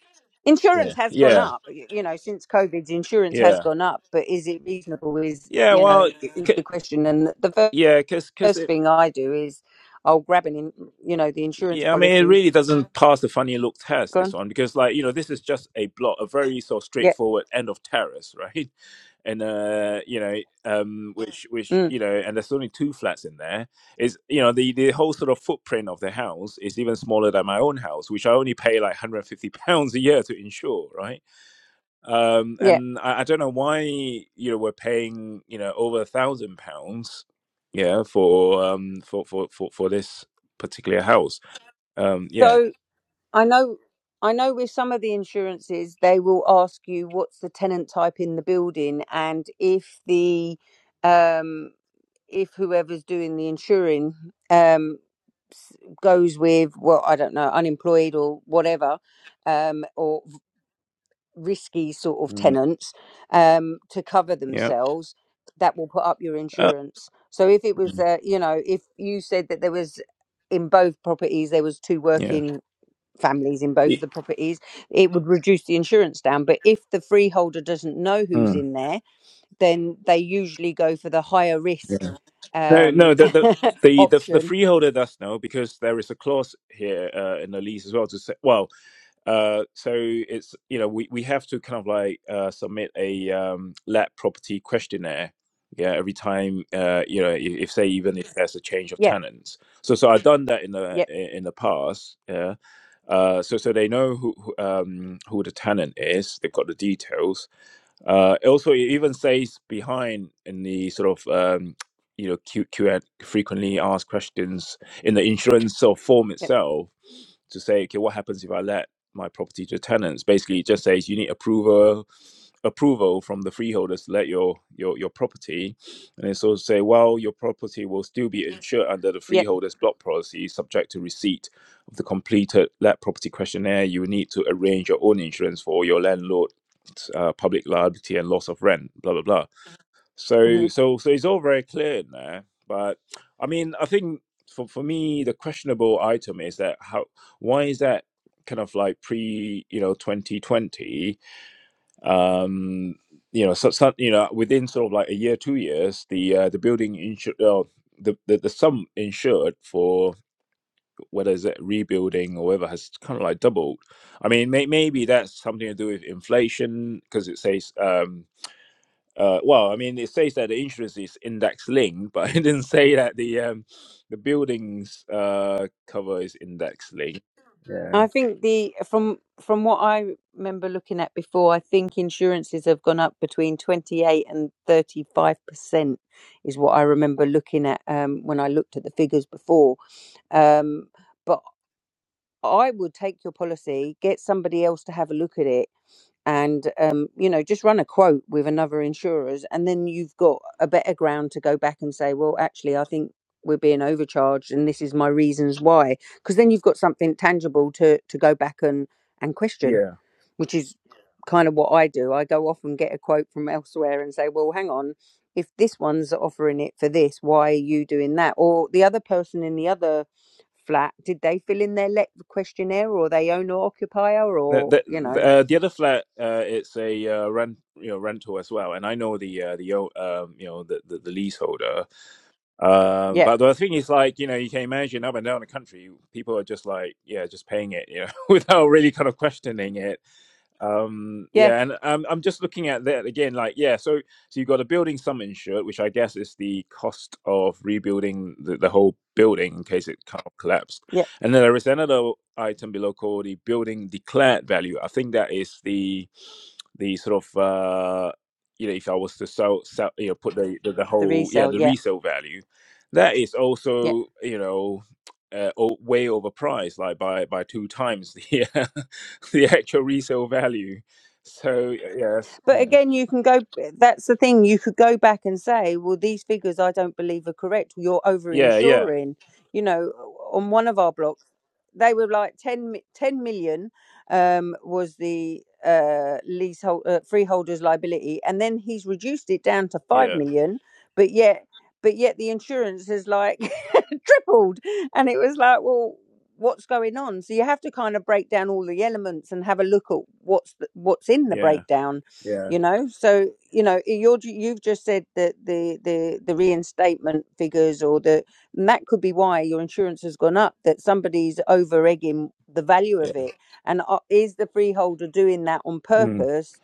Speaker 5: yeah
Speaker 2: insurance has gone
Speaker 5: yeah
Speaker 2: up y- you know since covid insurance has
Speaker 5: yeah
Speaker 2: gone up but is it reasonable is
Speaker 5: yeah
Speaker 2: you
Speaker 5: well
Speaker 2: know
Speaker 5: c-
Speaker 2: is
Speaker 5: c-
Speaker 2: the question and the fir-
Speaker 5: yeah because
Speaker 2: first thing i do is i'll grab an in, you know the insurance
Speaker 5: Yeah, I mean, it really
Speaker 2: policies
Speaker 5: doesn't pass the funny look test, this
Speaker 2: gone
Speaker 5: one, because, like, you know, this is just a block, a very sort of
Speaker 2: yeah
Speaker 5: straightforward end of terrace, right? And, uh, you know, um, which, which,
Speaker 2: mm,
Speaker 5: you know, and there's only two flats in there. Is, you know, the, the whole sort of footprint of the house is even smaller than my own house, which I only pay like 150 pounds a year to insure, right? Um,
Speaker 2: yeah
Speaker 5: and I, I don't know why, you know, we're paying, you know, over a thousand pounds, yeah, for, um, for, for, for, for this particular house um yeah
Speaker 2: so I know I know with some of the insurances they will ask you what's the tenant type in the building and if the um if whoever's doing the insuring um s- goes with well I don't know unemployed or whatever um or v- risky sort of
Speaker 5: Mm,
Speaker 2: tenants um to cover
Speaker 5: yeah.
Speaker 2: themselves that will put up your
Speaker 5: Uh,
Speaker 2: insurance. So if it was
Speaker 5: Mm.
Speaker 2: uh, you know if you said that there was in both properties there was two
Speaker 5: yeah.
Speaker 2: working families in both of
Speaker 5: E-
Speaker 2: the properties, it would reduce the insurance down. But if the freeholder doesn't know who's
Speaker 5: Mm,
Speaker 2: in there, then they usually go for the higher risk
Speaker 5: yeah. No, no,
Speaker 2: um,
Speaker 5: the, the the the the
Speaker 2: option.
Speaker 5: freeholder does know because there is a clause here uh, in the lease as well to say. Well, uh, so it's you know we, we have to kind of like uh, submit a um, let property questionnaire. Yeah, every time uh, you know if, if say even if there's a change of
Speaker 2: Yeah,
Speaker 5: tenants. So so I've done that in the
Speaker 2: yep,
Speaker 5: in the past. Yeah. Uh, so so they know who who, um, who the tenant is. They've got the details Uh, also, it even says behind in the sort of um, you know Q, Q frequently asked questions in the insurance sort of form
Speaker 2: yep,
Speaker 5: itself to say, okay, what happens if I let my property to tenants? Basically, it just says you need approval approval from the freeholders to let your your your property and it's also say well your property will still be insured under the
Speaker 2: yep.
Speaker 5: freeholders block policy subject to receipt of the completed let property questionnaire you will need to arrange your own insurance for your landlord uh, public liability and loss of rent blah blah blah
Speaker 2: hmm
Speaker 5: so so so it's all very clear in there. But I mean, I think for for me, the questionable item is that how why is that kind of like pre you know 2020 um you know so, so you know within sort of like a year two years the uh, the building insured uh, the, the the sum insured for whether it's a rebuilding or whatever has kind of like doubled i mean may, maybe that's something to do with inflation because it says um uh, well, I mean, it says that the insurance is index linked, but it didn't say that the um, the buildings uh, cover is index linked. Yeah,
Speaker 2: I think the from from what I remember looking at before, I think insurances have gone up between twenty eight and thirty five percent, is what I remember looking at um, when I looked at the figures before. Um, but I would take your policy, get somebody else to have a look at it, and um, you know, just run a quote with another insurers, and then you've got a better ground to go back and say, well, actually, I think we're being overcharged, and this is my reasons why. Because then you've got something tangible to to go back and and question
Speaker 5: yeah.
Speaker 2: which is kind of what I do. I go off and get a quote from elsewhere and say, well, hang on, if this one's offering it for this, why are you doing that? Or the other person in the other flat, did they fill in their let questionnaire or they own or occupier
Speaker 5: The
Speaker 2: or, you
Speaker 5: the,
Speaker 2: know,
Speaker 5: the, uh, the other flat, uh, it's a uh, rent you know rental as well, and I know the uh, the o- um, you know the the, the leaseholder. Um,
Speaker 2: yeah,
Speaker 5: but the thing is, like you know, you can imagine up and down the country, people are just like yeah, just paying it, you know, without really kind of questioning it um
Speaker 2: yeah,
Speaker 5: yeah and um, i'm just looking at that again like yeah so so you've got a building sum insured which i guess is the cost of rebuilding the, the whole building in case it co- collapsed
Speaker 2: yeah,
Speaker 5: and then there is another item below called the building declared value i think that is the the sort of uh you know if i was to sell, sell you know put the, the the
Speaker 2: the
Speaker 5: whole yeah
Speaker 2: resale,
Speaker 5: the
Speaker 2: yeah,
Speaker 5: resale value that is
Speaker 2: yeah.
Speaker 5: also you know uh, o- way overpriced like by by two times yeah the actual resale value. So yes,
Speaker 2: But
Speaker 5: yeah,
Speaker 2: again, you can go, that's the thing, you could go back and say, well, these figures I don't believe are correct. You're over
Speaker 5: yeah, yeah,
Speaker 2: insuring. You know, on one of our blocks, they were like ten ten million um, was the uh, leasehold, uh, freeholder's liability. And then he's reduced it down to 5
Speaker 5: yeah,
Speaker 2: million, but yet, but yet the insurance has like tripled. And it was like, well, what's going on so you have to kind of break down all the elements and have a look at what's the, what's in the
Speaker 5: yeah,
Speaker 2: breakdown
Speaker 5: yeah,
Speaker 2: you know so you know you're ju- you've just said that the the the reinstatement figures or the and that could be why your insurance has gone up that somebody's over egging the value
Speaker 5: yeah,
Speaker 2: of it and uh, is the freeholder doing that on
Speaker 5: mm.
Speaker 2: purpose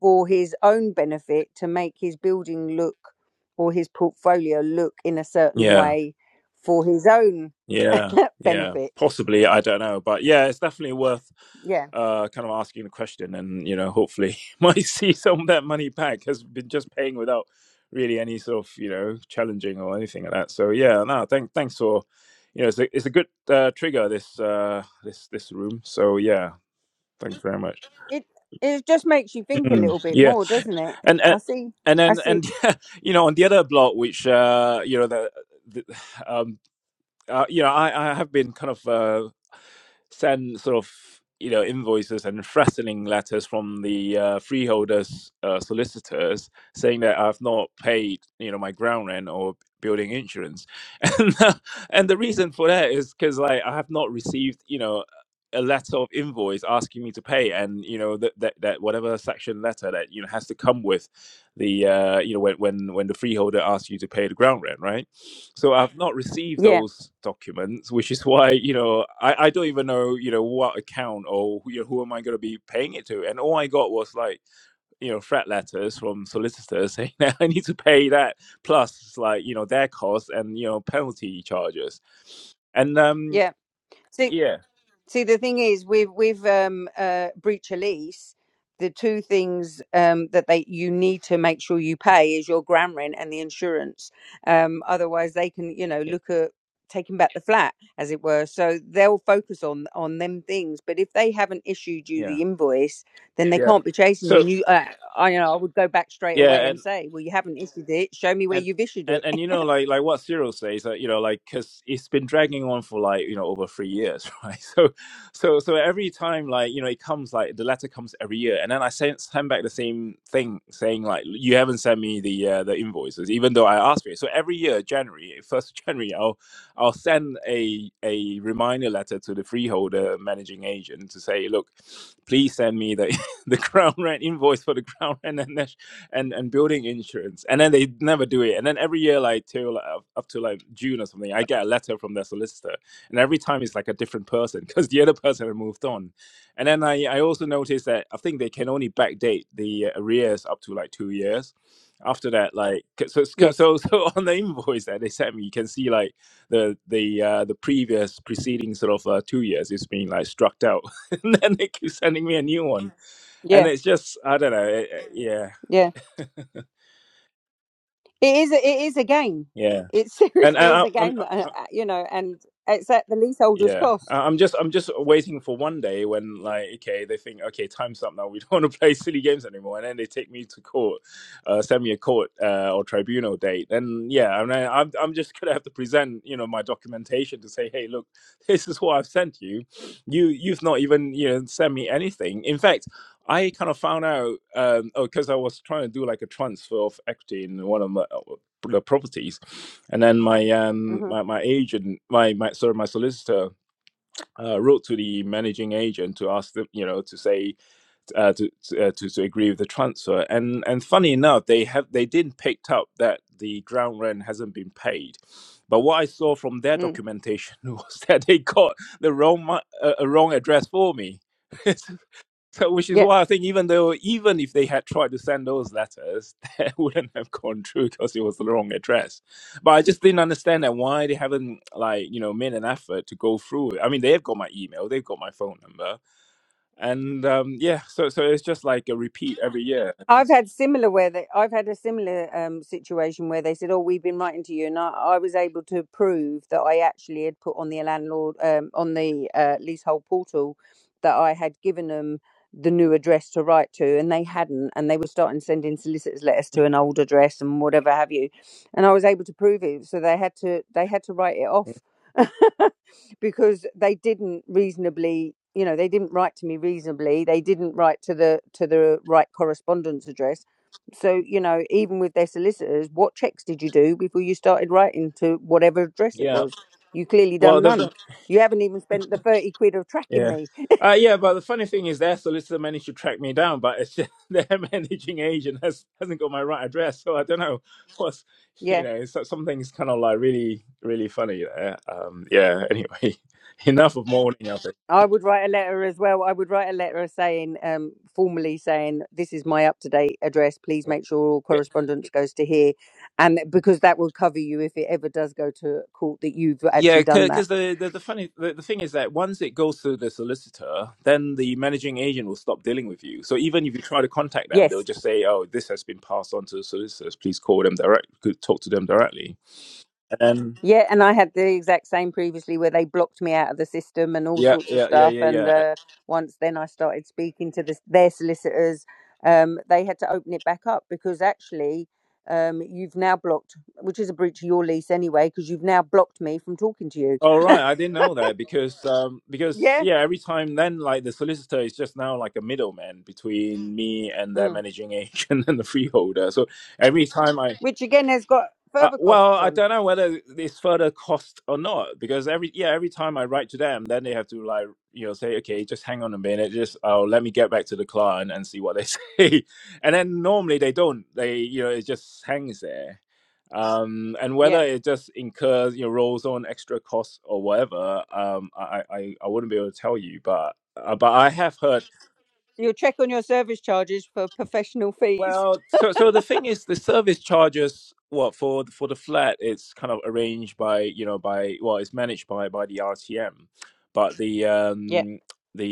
Speaker 2: for his own benefit to make his building look or his portfolio look in a certain
Speaker 5: yeah,
Speaker 2: way for his own
Speaker 5: yeah, yeah.
Speaker 2: benefit
Speaker 5: Possibly, I don't know, but yeah, it's definitely worth
Speaker 2: yeah
Speaker 5: uh kind of asking the question, and you know, hopefully, might see some of that money back has been just paying without really any sort of you know challenging or anything like that. So yeah, no, thank thanks for you know it's a, it's a good uh, trigger this uh this this room. So yeah, thanks very much.
Speaker 2: it it just makes you think a
Speaker 5: Mm.
Speaker 2: little bit
Speaker 5: Yeah.
Speaker 2: more doesn't it
Speaker 5: and
Speaker 2: i
Speaker 5: and
Speaker 2: see
Speaker 5: and
Speaker 2: i
Speaker 5: then
Speaker 2: see
Speaker 5: and you know on the other block which uh you know the, the um uh, you know, I, I have been kind of uh, sent sort of you know invoices and threatening letters from the uh, freeholders uh, solicitors saying that I've not paid you know my ground rent or building insurance, and uh, and the reason for that is because like I have not received you know a letter of invoice asking me to pay and you know that that, that whatever section letter that you know has to come with the uh, you know when when when the freeholder asks you to pay the ground rent right so I've not received
Speaker 2: yeah
Speaker 5: those documents, which is why you know I, I don't even know you know what account or you know, who am I going to be paying it to, and all I got was like you know threat letters from solicitors saying that I need to pay that plus like you know their costs and you know penalty charges, and um
Speaker 2: yeah See,
Speaker 5: yeah
Speaker 2: see, the thing is, with with um, uh, breach of lease, the two things um, that they you need to make sure you pay is your ground rent and the insurance. Um, otherwise, they can, you know,
Speaker 5: yeah
Speaker 2: look at taking back the flat, as it were. So they'll focus on on them things. But if they haven't issued you
Speaker 5: yeah
Speaker 2: the invoice, then they
Speaker 5: yeah
Speaker 2: can't be chasing you.
Speaker 5: so
Speaker 2: And you, uh, I, you know, I would go back straight away
Speaker 5: yeah
Speaker 2: and
Speaker 5: and
Speaker 2: say, well, you haven't issued it. Show me where
Speaker 5: and
Speaker 2: you've issued it
Speaker 5: and and you know like like what Cyril says that you know like because it's been dragging on for like you know over three years right so so so every time like you know it comes like the letter comes every year and then I send send back the same thing saying like you haven't sent me the uh, the invoices even though I asked for it so every year January first of January I'll I'll send a a reminder letter to the freeholder managing agent to say look please send me the the ground rent invoice for the ground rent and and and building insurance and then they never do it and then every year like till like, up up to like june or something i get a letter from their solicitor and every time it's like a different person because the other person had moved on and then i i also noticed that i think they can only backdate the arrears up to like two years after that like 'cause- so so
Speaker 2: Yes.
Speaker 5: so so on the invoice that they sent me you can see like the the uh the previous preceding sort of uh, two years is being like struck out and then they keep sending me a new one and
Speaker 2: Yeah.
Speaker 5: it's just i don't know it, it- yeah
Speaker 2: Yeah. It is. A, it is a game.
Speaker 5: yeah
Speaker 2: It
Speaker 5: and
Speaker 2: seriously
Speaker 5: I,
Speaker 2: is
Speaker 5: I-
Speaker 2: a
Speaker 5: I'm
Speaker 2: game. uh, uh,
Speaker 5: I,
Speaker 2: You know, and it's at the leaseholder's
Speaker 5: yeah,
Speaker 2: cost.
Speaker 5: I- I'm just I'm just waiting for one day when like okay they think okay time's up now we don't want to play silly games anymore and then they take me to court, uh, send me a court uh, or tribunal date and yeah I mean, I'm I'm just gonna have to present you know my documentation to say hey look this is what I've sent you, you you've not even you know sent me anything in fact. I kind of found out um, oh because I was trying to do like a transfer of equity in one of my the properties. And then my um
Speaker 2: Mm-hmm.
Speaker 5: my, my agent, my my sorry, my solicitor uh, wrote to the managing agent to ask them, you know, to say uh, to to, uh, to to agree with the transfer. And and funny enough, they have they didn't pick up that the ground rent hasn't been paid. But what I saw from their
Speaker 2: Mm.
Speaker 5: documentation was that they got the wrong mu- uh, uh, wrong address for me. So, which is
Speaker 2: Yeah.
Speaker 5: why I think even though even if they had tried to send those letters, they wouldn't have gone through because it was the wrong address. But I just didn't understand that why they haven't like you know made an effort to go through it. I mean, they've got my email, they've got my phone number, and um, yeah, so so it's just like a repeat every year.
Speaker 2: I've had similar where they, I've had a similar um, situation where they said, "Oh, we've been writing to you," and I, I was able to prove that I actually had put on the landlord um, on the uh, leasehold portal that I had given them the new address to write to, and they hadn't, and they were starting sending solicitors letters to an old address and whatever have you, and I was able to prove it, so they had to they had to write it
Speaker 5: Yeah.
Speaker 2: off. because they didn't reasonably you know they didn't write to me reasonably they didn't write to the to the right correspondence address so you know even with their solicitors what checks did you do before you started writing to whatever address it
Speaker 5: Yeah.
Speaker 2: was you clearly
Speaker 5: Well,
Speaker 2: done
Speaker 5: the,
Speaker 2: none
Speaker 5: the
Speaker 2: you haven't even spent the 30 quid of tracking
Speaker 5: yeah.
Speaker 2: me
Speaker 5: Uh, yeah, but the funny thing is, their solicitor managed to track me down, but it's just their managing agent has hasn't got my right address, so I don't know what's
Speaker 2: yeah
Speaker 5: you know so, something's kind of like really really funny there. Um, yeah. Anyway, enough of mourning. I think.
Speaker 2: I would write a letter as well. I would write a letter saying, um, formally saying, this is my up to date address. Please make sure all correspondence goes to here. And because that would cover you if it ever does go to court that you've
Speaker 5: Yeah,
Speaker 2: actually done that.
Speaker 5: because the, the the funny the, the thing is that once it goes to the solicitor, then the managing agent will stop dealing with you. So even if you try to contact them, they'll
Speaker 2: Yes.
Speaker 5: just say, "Oh, this has been passed on to the solicitors. Please call them direct. Could talk to them directly."
Speaker 2: Yeah, and I had the exact same previously where they blocked me out of the system and all
Speaker 5: Yeah,
Speaker 2: sorts of
Speaker 5: yeah, yeah,
Speaker 2: stuff.
Speaker 5: yeah,
Speaker 2: And
Speaker 5: yeah.
Speaker 2: uh, once then I started speaking to this, their solicitors, um, they had to open it back up because actually um, you've now blocked, which is a breach of your lease anyway, because you've now blocked me from talking to you.
Speaker 5: All right, I didn't know that because um because
Speaker 2: Yeah.
Speaker 5: yeah, every time then like the solicitor is just now like a middleman between me and their
Speaker 2: Mm.
Speaker 5: managing agent and the freeholder. So every time I
Speaker 2: Which again has got
Speaker 5: Uh,
Speaker 2: further
Speaker 5: well,
Speaker 2: costs
Speaker 5: I
Speaker 2: on.
Speaker 5: don't know whether it's further cost or not because every yeah every time I write to them, then they have to like you know say okay, just hang on a minute, just oh let me get back to the client and see what they say, and then normally they don't. They you know it just hangs there, um, and whether
Speaker 2: Yeah.
Speaker 5: it just incurs you know rolls on extra costs or whatever, um, I I I I wouldn't be able to tell you, but uh, but I have heard
Speaker 2: You'll check on your service charges for professional fees.
Speaker 5: Well, so so the thing is, the service charges what for for the flat. It's kind of arranged by you know by well, it's managed by by the RTM, but the
Speaker 2: Yeah.
Speaker 5: um the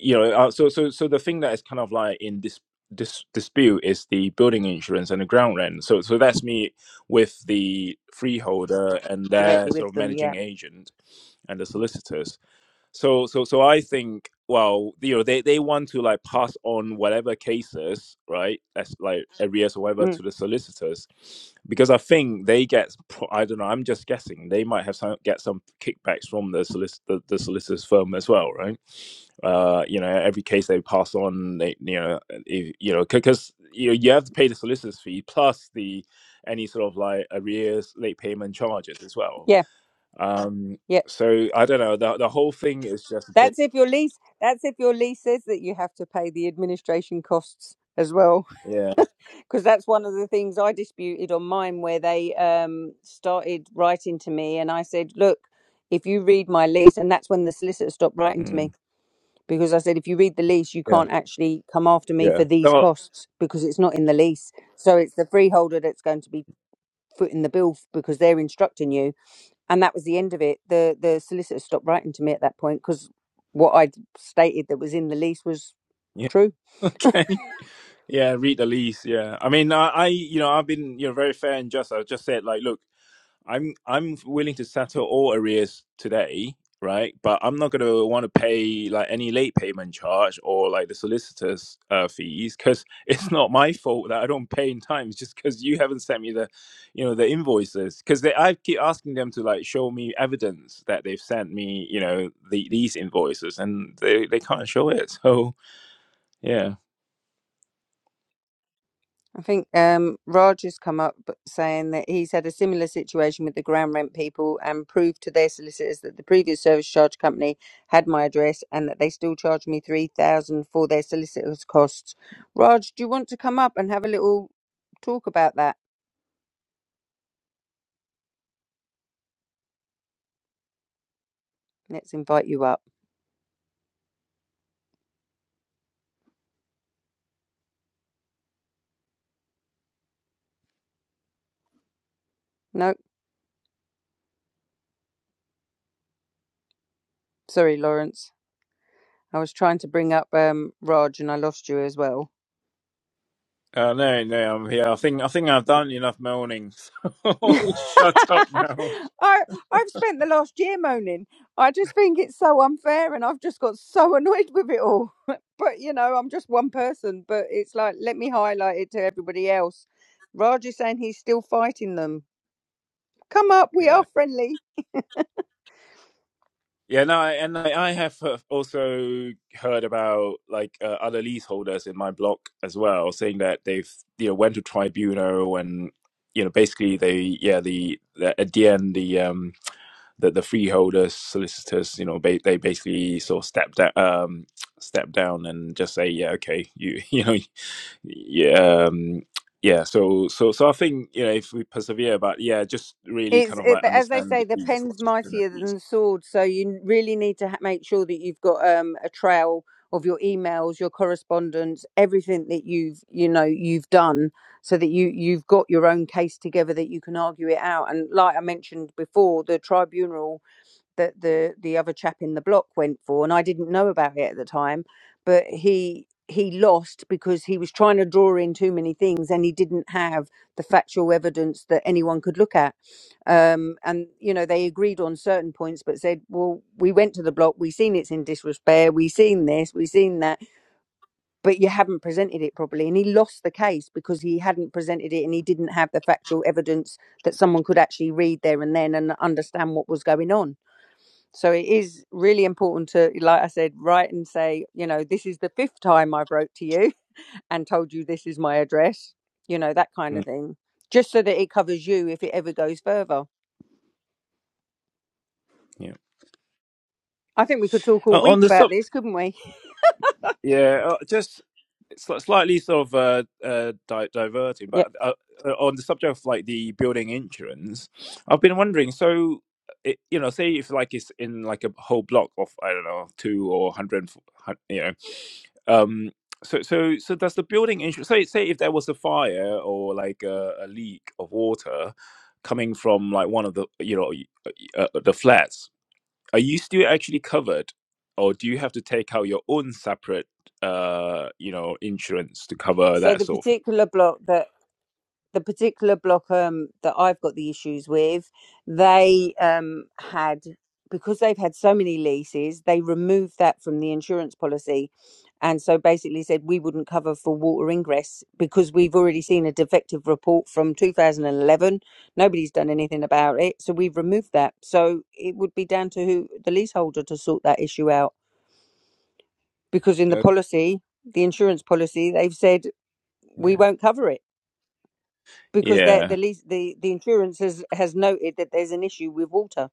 Speaker 5: you know uh, so so so the thing that is kind of like in this. Dis, dispute is the building insurance and the ground rent so so that's me with the freeholder and
Speaker 2: Directly
Speaker 5: their sort
Speaker 2: with
Speaker 5: of
Speaker 2: them. Yeah.
Speaker 5: managing agent and the solicitors so so so i think well you know they, they want to like pass on whatever cases right as like arrears or whatever
Speaker 2: Mm.
Speaker 5: to the solicitors because i think they get pro- i don't know i'm just guessing they might have some get some kickbacks from the solicitor the, the solicitors firm as well right uh you know every case they pass on they you know if, you know because you know you have to pay the solicitors fee plus the any sort of like arrears late payment charges as well
Speaker 2: Yeah.
Speaker 5: um,
Speaker 2: Yeah.
Speaker 5: so I don't know. The the whole thing is just a bit,
Speaker 2: That's if your lease. That's if your lease says that you have to pay the administration costs as well,
Speaker 5: yeah,
Speaker 2: because that's one of the things I disputed on mine, where they um, started writing to me, and I said, "Look, if you read my lease," and that's when the solicitor stopped writing to me
Speaker 5: mm,
Speaker 2: because I said, "If you read the lease, you
Speaker 5: yeah,
Speaker 2: can't actually come after me
Speaker 5: yeah.
Speaker 2: for these
Speaker 5: No,
Speaker 2: costs because it's not in the lease. So it's the freeholder that's going to be footing the bill f- because they're instructing you." and that was the end of it. The the solicitor stopped writing to me at that point because what I'd stated that was in the lease was
Speaker 5: yeah,
Speaker 2: true.
Speaker 5: okay, yeah. Read the lease, yeah. I mean, I, I, you know, I've been, you know, very fair and just. I just said, like, look. I'm I'm willing to settle all arrears today, right? But I'm not gonna want to pay like any late payment charge or like the solicitor's uh, fees because it's not my fault that I don't pay in time. It's just because you haven't sent me the, you know, the invoices. Because they I keep asking them to like show me evidence that they've sent me, you know, the, these invoices, and they they can't show it. So yeah.
Speaker 2: I think um, Raj has come up saying that he's had a similar situation with the ground rent people and proved to their solicitors that the previous service charge company had my address and that they still charge me three thousand dollars for their solicitors' costs. Raj, do you want to come up and have a little talk about that? Let's invite you up. No, sorry, Lawrence. I was trying to bring up um, Raj and I lost you as well.
Speaker 5: Uh, no, no, I'm here. I think I think I've done enough moaning. So I'll
Speaker 2: I
Speaker 5: just shut up now.
Speaker 2: I've spent the last year moaning. I just think it's so unfair, and I've just got so annoyed with it all. but you know, I'm just one person. But it's like, let me highlight it to everybody else. Raj is saying he's still fighting them. Come up, we
Speaker 5: Yeah.
Speaker 2: are friendly.
Speaker 5: Yeah, no, I- and I I have uh, also heard about like uh, other leaseholders in my block as well, saying that they've you know went to tribunal and you know basically they yeah the, the at the end the um the, the freeholders solicitors you know ba- they basically sort of stepped down um stepped down and just say yeah okay you you know yeah um yeah so so so I think you know if we persevere but yeah just really
Speaker 2: It's
Speaker 5: kind of
Speaker 2: it,
Speaker 5: like
Speaker 2: as they
Speaker 5: understand
Speaker 2: say, the
Speaker 5: the
Speaker 2: pen's mightier than
Speaker 5: responsibilities.
Speaker 2: the sword. So you really need to ha- make sure that you've got um, a trail of your emails, your correspondence, everything that you've you know you've done, so that you you've got your own case together that you can argue it out. And like I mentioned before, the tribunal that the the other chap in the block went for, and I didn't know about it at the time, but he he lost because he was trying to draw in too many things and he didn't have the factual evidence that anyone could look at um, and you know they agreed on certain points but said well we went to the block we seen it's in disrepair we seen this we seen that but you haven't presented it properly and he lost the case because he hadn't presented it and he didn't have the factual evidence that someone could actually read there and then and understand what was going on so it is really important to, like I said, write and say, you know, this is the fifth time I've wrote to you and told you this is my address, you know, that kind of
Speaker 5: Mm,
Speaker 2: thing, just so that it covers you if it ever goes further.
Speaker 5: yeah.
Speaker 2: I think we could talk all
Speaker 5: Uh, on
Speaker 2: week
Speaker 5: the
Speaker 2: about
Speaker 5: sub,
Speaker 2: this, couldn't we?
Speaker 5: yeah, uh, just sli- slightly sort of uh, uh, di- diverting,
Speaker 2: Yep.
Speaker 5: but uh, uh, on the subject of like the building insurance, I've been wondering. So, it, you know, say if like it's in like a whole block of I don't know two or hundred, you know, um, so so so does the building insurance? Say say if there was a fire or like a, a leak of water coming from like one of the you know y- uh, the flats are you still actually covered, or do you have to take out your own separate, uh, you know, insurance to cover
Speaker 2: So
Speaker 5: that
Speaker 2: the
Speaker 5: sort of
Speaker 2: particular block that the particular block um, that I've got the issues with, they um, had because they've had so many leases, they removed that from the insurance policy, and so basically said we wouldn't cover for water ingress because we've already seen a defective report from 2011. Nobody's done anything about it, so we've removed that. So it would be down to who the leaseholder to sort that issue out because in the
Speaker 5: thing? Okay.
Speaker 2: policy, the insurance policy, they've said we
Speaker 5: Yeah.
Speaker 2: won't cover it because the
Speaker 5: Yeah.
Speaker 2: the lease the the insurance has has noted that there's an issue with water.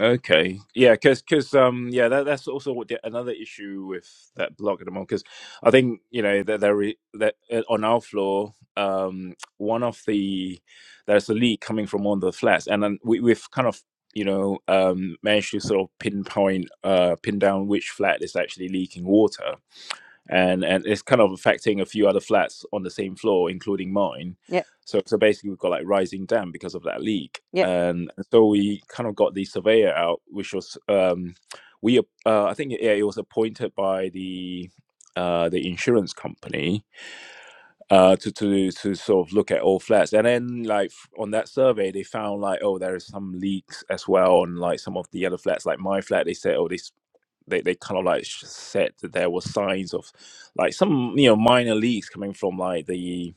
Speaker 5: Okay. Yeah. Because because um yeah that that's also what the, another issue with that block at the moment because I think you know that there is that uh, on our floor um one of the there's a leak coming from one of the flats and then we we've kind of you know um managed to sort of pinpoint uh pin down which flat is actually leaking water and and it's kind of affecting a few other flats on the same floor, including mine.
Speaker 2: Yeah,
Speaker 5: So so basically, we've got like rising dam because of that leak,
Speaker 2: yeah,
Speaker 5: and so we kind of got the surveyor out, which was um, we ap- uh, I think yeah, it was appointed by the uh, the insurance company uh, to to to sort of look at all flats, and then like f- on that survey, they found like oh there is some leaks as well on like some of the other flats, like my flat. They said oh this they, they kind of like said that there were signs of like some you know minor leaks coming from like the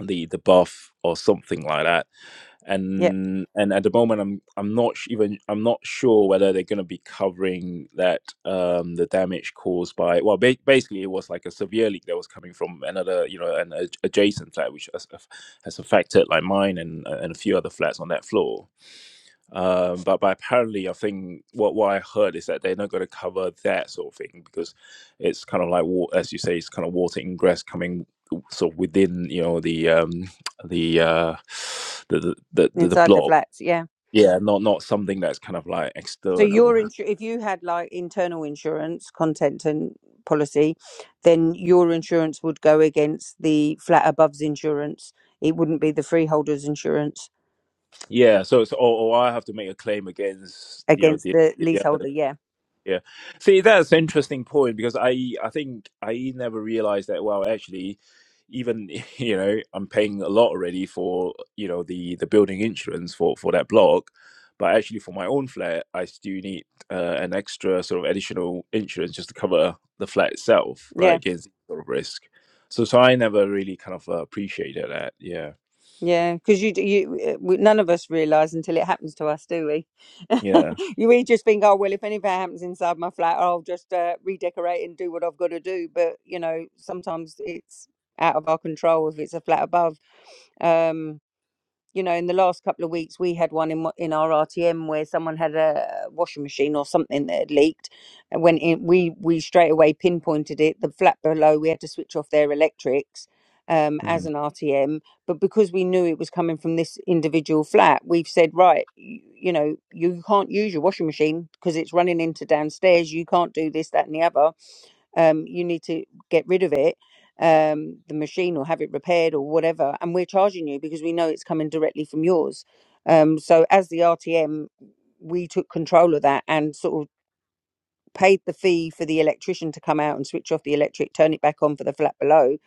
Speaker 5: the the buff or something like that
Speaker 2: yeah.
Speaker 5: and and at the moment i'm i'm not sh- even i'm not sure whether they're going to be covering that um the damage caused by well ba- basically it was like a severe leak that was coming from another you know an ad- adjacent flat which has, has affected like mine and and a few other flats on that floor um, but but apparently, I think what what I heard is that they're not going to cover that sort of thing because it's kind of like wa- as you say, it's kind of water ingress coming sort of within you know the um the uh the the the, the
Speaker 2: Inside the
Speaker 5: block.
Speaker 2: flats, yeah.
Speaker 5: Yeah, not not something that's kind of like
Speaker 2: So your
Speaker 5: external.
Speaker 2: insu- if you had like internal insurance content and policy, then your insurance would go against the flat above's insurance. It wouldn't be the freeholder's insurance
Speaker 5: Yeah, so it's or, or I have to make a claim against you know
Speaker 2: against
Speaker 5: the
Speaker 2: the
Speaker 5: the
Speaker 2: leaseholder. Yeah,
Speaker 5: Yeah. See, that's an interesting point because I I think I never realized that well actually even you know I'm paying a lot already for you know the the building insurance for for that block but actually for my own flat I still need uh, an extra sort of additional insurance just to cover the flat itself
Speaker 2: yeah.
Speaker 5: right against sort of risk. So so I never really kind of uh, appreciated that. Yeah.
Speaker 2: Yeah, because you, d- you, uh, we- none of us realise until it happens to us, do we?
Speaker 5: Yeah.
Speaker 2: you we just think, oh well, if anything happens inside my flat, I'll just uh, redecorate and do what I've got to do. But you know, sometimes it's out of our control if it's a flat above. Um, you know, in the last couple of weeks, we had one in wha- in our RTM where someone had a washing machine or something that had leaked. And when it, we we straight away pinpointed it, the flat below, we had to switch off their electrics um, as
Speaker 5: Mm.
Speaker 2: an RTM. But because we knew it was coming from this individual flat, we've said, right, you, you know, you can't use your washing machine because it's running into downstairs. You can't do this, that, and the other um, you need to get rid of it, um, the machine, or have it repaired or whatever. And we're charging you because we know it's coming directly from yours. Um, so as the RTM, we took control of that and sort of paid the fee for the electrician to come out and switch off the electric, turn it back on for the flat below,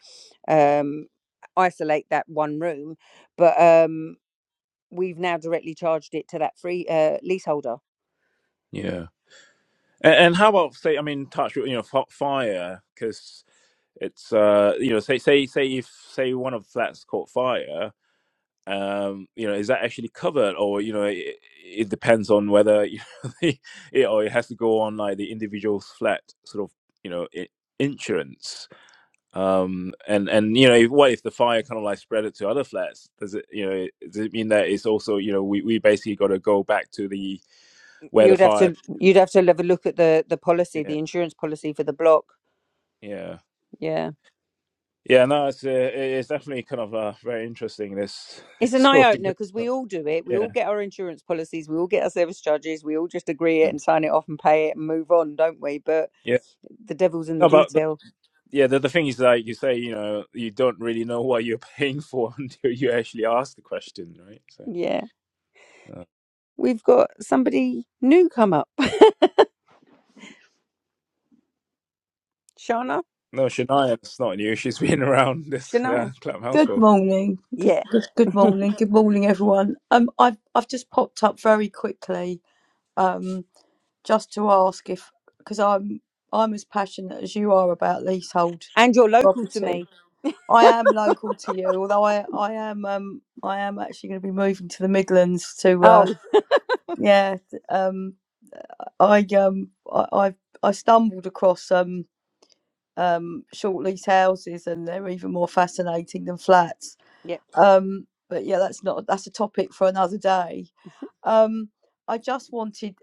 Speaker 2: um, isolate that one room. But um, we've now directly charged it to that free uh, leaseholder.
Speaker 5: Yeah. And, and how about say I mean touch wood, you know fi- fire because It's uh, you know, say say say if say one of the flats caught fire, um, you know, is that actually covered, or you know, it, it depends on whether you know, the, it, or it has to go on like the individual flat sort of you know i insurance. Um, and and you know, if, what if the fire kind of like spread it to other flats? Does it you know does it mean that it's also you know we we basically got to go back to the where the
Speaker 2: You'd have
Speaker 5: fire?
Speaker 2: to you'd have to have a look at the the policy,
Speaker 5: Yeah,
Speaker 2: the insurance policy for the block.
Speaker 5: yeah.
Speaker 2: Yeah.
Speaker 5: Yeah, no, it's uh, it- it's definitely kind of uh, very interesting. This
Speaker 2: It's an eye
Speaker 5: sort of
Speaker 2: opener because
Speaker 5: thing.
Speaker 2: we all do it. We
Speaker 5: Yeah.
Speaker 2: all get our insurance policies, we all get our service charges, we all just agree it
Speaker 5: Mm.
Speaker 2: and sign it off and pay it and move on, don't we? But
Speaker 5: Yeah.
Speaker 2: the devil's in the
Speaker 5: No, but, but
Speaker 2: detail.
Speaker 5: yeah, the, the thing is like you say, you know, you don't really know what you're paying for until you actually ask the question, right? So,
Speaker 2: Yeah.
Speaker 5: uh,
Speaker 2: We've got somebody new come up. Shana?
Speaker 5: no, Shania, it's not new. She's been around this
Speaker 2: Shania?
Speaker 5: uh, clubhouse
Speaker 6: Good
Speaker 5: for.
Speaker 6: morning. Good,
Speaker 2: Yeah.
Speaker 6: good, good morning. Good morning, everyone. Um, I've I've just popped up very quickly, um, just to ask if because I'm I'm as passionate as you are about leasehold
Speaker 2: And you're local to
Speaker 6: property.
Speaker 2: me.
Speaker 6: I am local to you, although I I am um I am actually going to be moving to the Midlands to uh
Speaker 2: Oh,
Speaker 6: yeah t- um I um I I, I stumbled across um um short lease houses and they're even more fascinating than flats
Speaker 2: Yep,
Speaker 6: Um, but yeah, that's not that's a topic for another day. Um, I just wanted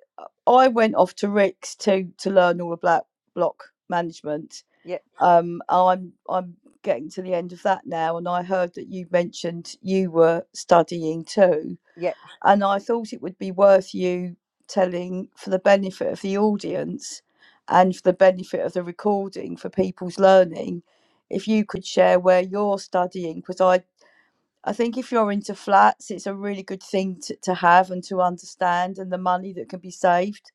Speaker 6: I went off to Rick's to to learn all about block management.
Speaker 2: yep,
Speaker 6: Um, I'm I'm getting to the end of that now, and I heard that you mentioned you were studying too,
Speaker 2: yep.
Speaker 6: and I thought it would be worth you telling for the benefit of the audience and for the benefit of the recording for people's learning if you could share where you're studying because I I think if you're into flats, it's a really good thing to, to have and to understand, and the money that can be saved.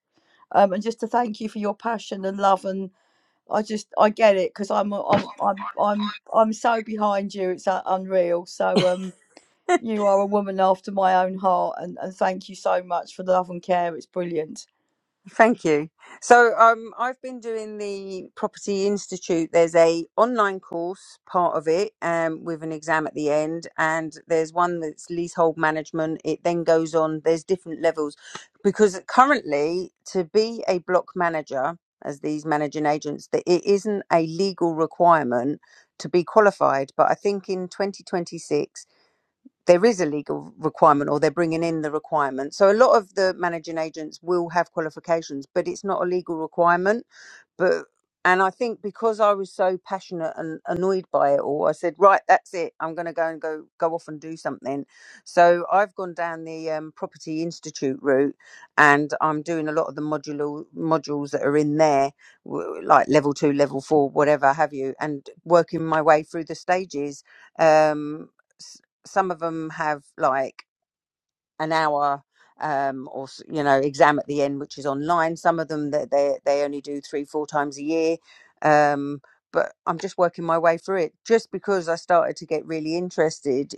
Speaker 6: Um, and just to thank you for your passion and love, and I just I get it because I'm I'm I'm I'm I'm so behind you. It's uh, unreal. So um, you are a woman after my own heart, and and thank you so much for the love and care. It's brilliant.
Speaker 2: Thank you. So um, I've been doing the Property Institute. There's a online course part of it um, with an exam at the end, and there's one that's leasehold management. It then goes on. There's different levels because currently to be a block manager, as these managing agents, that it isn't a legal requirement to be qualified. But I think in 2026 there is a legal requirement or they're bringing in the requirement. So a lot of the managing agents will have qualifications, but it's not a legal requirement but and I think because I was so passionate and annoyed by it all, I said, right, that's it. I'm going to go and go go off and do something. So I've gone down the um, property institute route, and I'm doing a lot of the modular modules that are in there, w- like level two, level four, whatever have you, and working my way through the stages. Um, s- some of them have like an hour um or s- you know exam at the end which is online some of them that they they only do three four times a year um but i'm just working my way through it just because i started to get really interested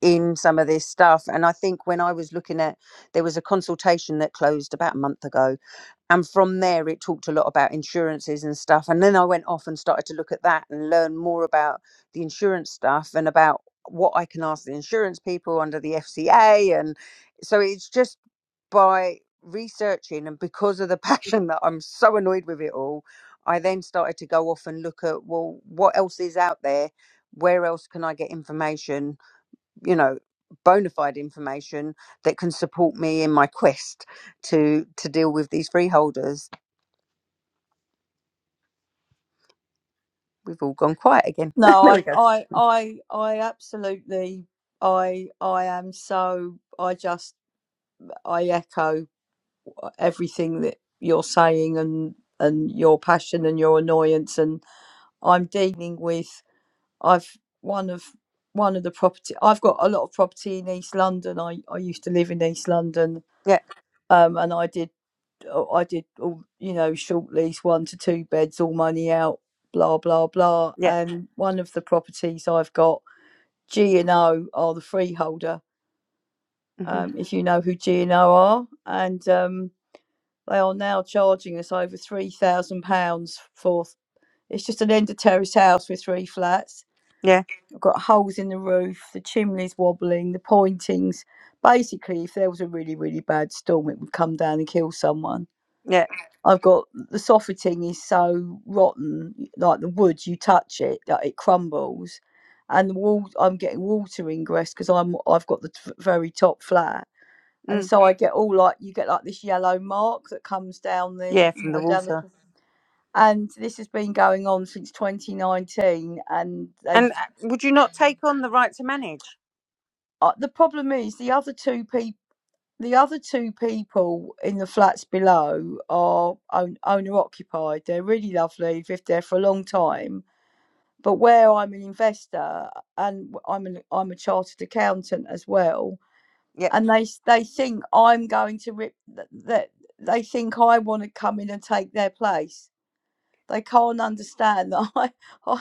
Speaker 2: in some of this stuff. And I think when I was looking at, there was a consultation that closed about a month ago. And from there, it talked a lot about insurances and stuff. And then I went off and started to look at that and learn more about the insurance stuff and about what I can ask the insurance people under the FCA. And so it's just by researching and because of the passion that I'm so annoyed with it all, I then started to go off and look at, well, what else is out there? Where else can I get information? you know bona fide information that can support me in my quest to to deal with these freeholders we've all gone quiet again
Speaker 6: No,
Speaker 2: there we
Speaker 6: I
Speaker 2: go
Speaker 6: I I I absolutely I I am so I just I echo. everything that you're saying and and your passion and your annoyance and I'm dealing with I've one of one of the property I've got a lot of property in East London I, I used to live in East London
Speaker 2: yeah
Speaker 6: um and I did uh, I did all you know short lease one to two beds all money out blah blah blah
Speaker 2: yeah
Speaker 6: and one of the properties I've got G and O are the freeholder
Speaker 2: hmm
Speaker 6: um if you know who G and O are and um They are now charging us over three thousand pounds for. It's just an end of terrace house with three flats.
Speaker 2: yeah
Speaker 6: I've got holes in the roof, the chimney's wobbling, the pointings. Basically, if there was a really, really bad storm, it would come down and kill someone.
Speaker 2: yeah
Speaker 6: I've got the soffitting is so rotten, like the wood, you touch it, that it crumbles, and the wall. I'm getting water ingress because I'm I've got the t- very top flat, and
Speaker 2: mm,
Speaker 6: so I get all like you get like this yellow mark that comes down the
Speaker 2: yeah
Speaker 6: you
Speaker 2: from the
Speaker 6: know down the
Speaker 2: water
Speaker 6: and this has been going on since 2019 and they've
Speaker 2: and uh, would you not take on the right to manage
Speaker 6: uh, the problem is the other two people the other two people in the flats below are own- owner occupied they're really lovely they've lived there for a long time but where i'm an investor and w- i'm an, i'm a chartered accountant as well
Speaker 2: Yeah.
Speaker 6: and they s- they think i'm going to rip th- that they think i want to come in and take their place they can't understand that i, I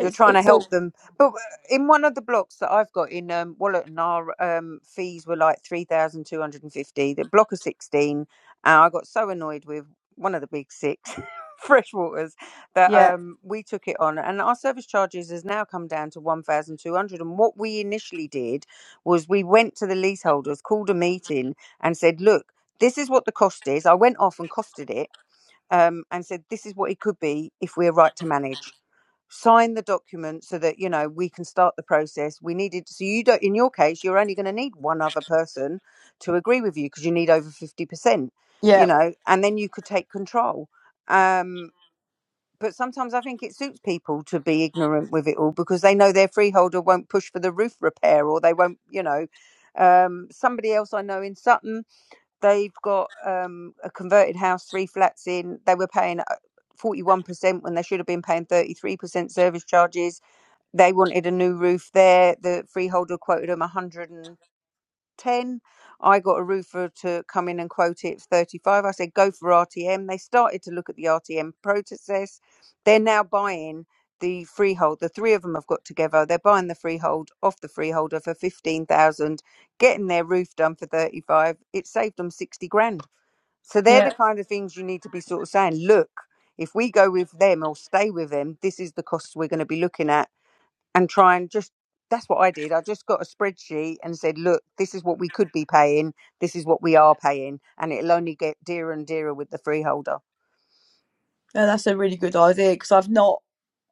Speaker 2: You're trying to
Speaker 6: it's all
Speaker 2: help them, but uh, in one of the blocks that I've got in um, Wallerton, our um, fees were like three thousand two hundred and fifty. The block of sixteen, and I got so annoyed with one of the big six, Freshwaters, that
Speaker 6: yeah
Speaker 2: um, we took it on, and our service charges has now come down to one thousand two hundred. And what we initially did was we went to the leaseholders, called a meeting, and said, "Look, this is what the cost is." I went off and costed it um, and said, "This is what it could be if we're right to manage." Sign the document so that you know we can start the process. We needed so you don't. In your case, you're only going to need one other person to agree with you because you need over fifty percent. You
Speaker 6: Yeah,
Speaker 2: know, and then you could take control. Um, but sometimes I think it suits people to be ignorant with it all because they know their freeholder won't push for the roof repair or they won't. You know, um, somebody else I know in Sutton They've got um, a converted house, three flats in. They were paying forty one percent when they should have been paying thirty three percent service charges. They wanted a new roof there. The freeholder quoted them one hundred and ten. I got a roofer to come in and quote it thirty five. I said go for RTM. They started to look at the RTM process. They're now buying the freehold. The three of them have got together. They're buying the freehold off the freeholder for fifteen thousand, getting their roof done for thirty five. It saved them sixty grand so they're the
Speaker 6: yeah,
Speaker 2: kind of things you need to be sort of saying, look, if we go with them or stay with them, this is the costs we're going to be looking at and try and just that's what I did. I just got a spreadsheet and said, look, this is what we could be paying, this is what we are paying, and it'll only get dearer and dearer with the freeholder.
Speaker 6: no, that's a really good idea because I've not,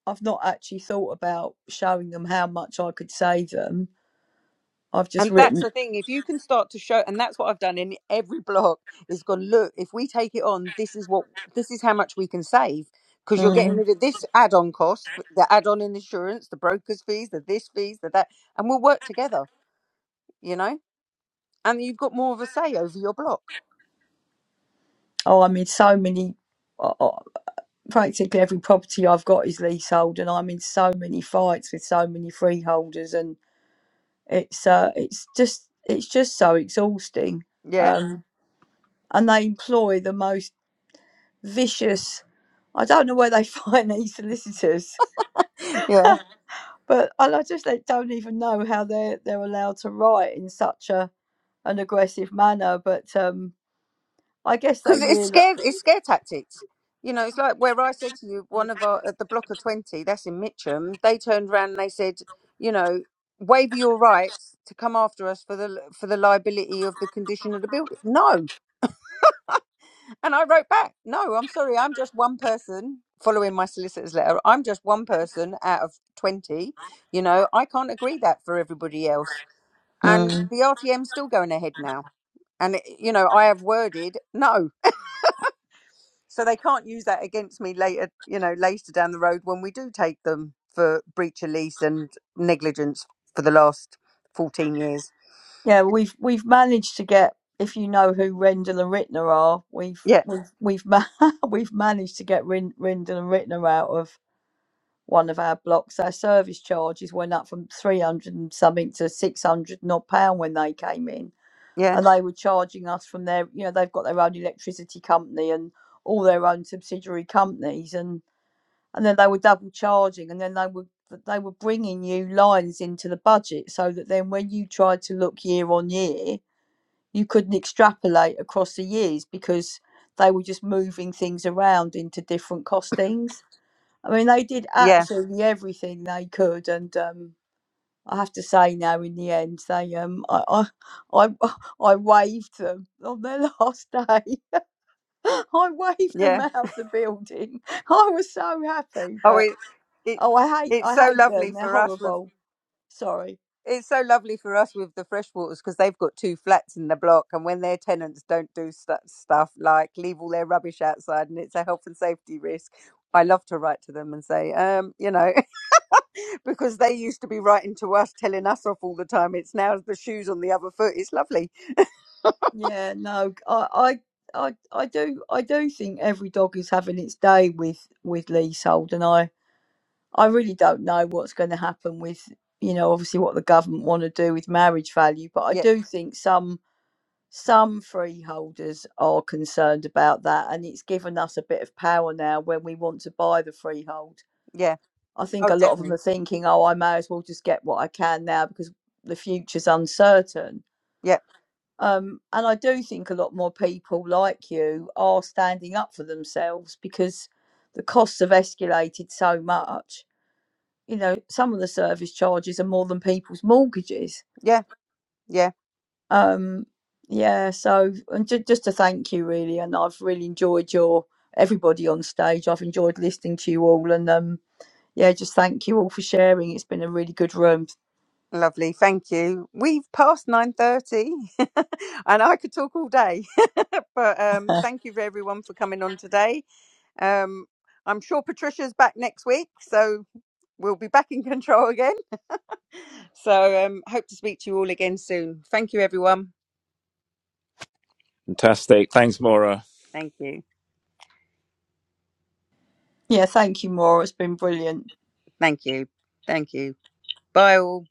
Speaker 6: I've not actually thought about showing them how much I could save them. I've just
Speaker 2: And that's
Speaker 6: written,
Speaker 2: the thing, if you can start to show and that's what I've done in every block is gone, look, if we take it on, this is what this is how much we can save because you're getting
Speaker 6: mm,
Speaker 2: rid of this add-on cost, the add-on in insurance, the broker's fees, the this fees, the that, and we'll work together, you know. And you've got more of a say over your block.
Speaker 6: oh, I'm in so many, uh, uh, practically every property I've got is leasehold, and I'm in so many fights with so many freeholders, and it's, uh, it's just, it's just so exhausting.
Speaker 2: Yeah,
Speaker 6: Um, and they employ the most vicious. I don't know where they find these solicitors
Speaker 2: yeah.
Speaker 6: but and I just they don't even know how they're they're allowed to write in such a an aggressive manner. But um, I guess they
Speaker 2: Because it's
Speaker 6: really
Speaker 2: scare, it's scare tactics. You know, it's like where I said to you, one of our at the block of twenty, that's in Mitcham. They turned around and they said, you know, waive your rights to come after us for the for the liability of the condition of the building. No, And I wrote back, no, I'm sorry, I'm just one person following my solicitor's letter. I'm just one person out of 20. You know, I can't agree that for everybody else. And
Speaker 6: Mm.
Speaker 2: the RTM's still going ahead now. And, it- you know, I have worded no. So they can't use that against me later, you know, later down the road when we do take them for breach of lease and negligence for the last 14 years.
Speaker 6: yeah we've we've managed to get if you know who Rendell and Rittner are we've
Speaker 2: Yeah,
Speaker 6: we've we've ma- we've managed to get Rin- Rendell and Rittner out of one of our blocks. Our service charges went up from three hundred and something to six hundred and odd pound when they came in
Speaker 2: yeah,
Speaker 6: and they were charging us from their you know they've got their own electricity company and all their own subsidiary companies and and then they were double charging and then they were they were bringing you lines into the budget so that then when you tried to look year on year you couldn't extrapolate across the years because they were just moving things around into different costings i mean they did
Speaker 2: yeah,
Speaker 6: absolutely everything they could and um I have to say now in the end they um I I I, I waved them on their last day. I waved them
Speaker 2: yeah.
Speaker 6: out of the building. I was so happy,
Speaker 2: Oh,
Speaker 6: but
Speaker 2: it, it,
Speaker 6: oh I hate
Speaker 2: it's
Speaker 6: I
Speaker 2: so
Speaker 6: hate
Speaker 2: lovely
Speaker 6: them. They're
Speaker 2: for us.
Speaker 6: horrible. Sorry.
Speaker 2: it's so lovely for us with the freshwaters because they've got two flats in the block and when their tenants don't do stu stuff like leave all their rubbish outside and it's a health and safety risk i love to write to them and say um you know because they used to be writing to us telling us off all the time it's now the shoes on the other foot it's lovely
Speaker 6: Yeah, no. I I I, I do I do think every dog is having its day with with leasehold and I I really don't know what's going to happen with you know obviously what the government want to do with marriage value, but I
Speaker 2: yeah
Speaker 6: do think some some freeholders are concerned about that, and it's given us a bit of power now when we want to buy the freehold.
Speaker 2: yeah
Speaker 6: I think
Speaker 2: oh
Speaker 6: a lot of them
Speaker 2: definitely
Speaker 6: are thinking, oh, I may as well just get what I can now because the future's uncertain.
Speaker 2: yeah
Speaker 6: Um, and I do think a lot more people like you are standing up for themselves because the costs have escalated so much. You know, some of the service charges are more than people's mortgages
Speaker 2: yeah yeah
Speaker 6: um yeah so and ju- just to thank you really and i've really enjoyed your everybody on stage i've enjoyed listening to you all and um yeah just thank you all for sharing it's been a really good room
Speaker 2: lovely thank you we've passed 9.30 and i could talk all day but um thank you for everyone for coming on today Um, I'm sure Patricia's back next week, so we'll be back in control again. So um, hope to speak to you all again soon. Thank you, everyone.
Speaker 5: Fantastic. Thanks, Maura.
Speaker 2: Thank you.
Speaker 6: yeah thank you maura it's been brilliant
Speaker 2: Thank you. Thank you. Bye all.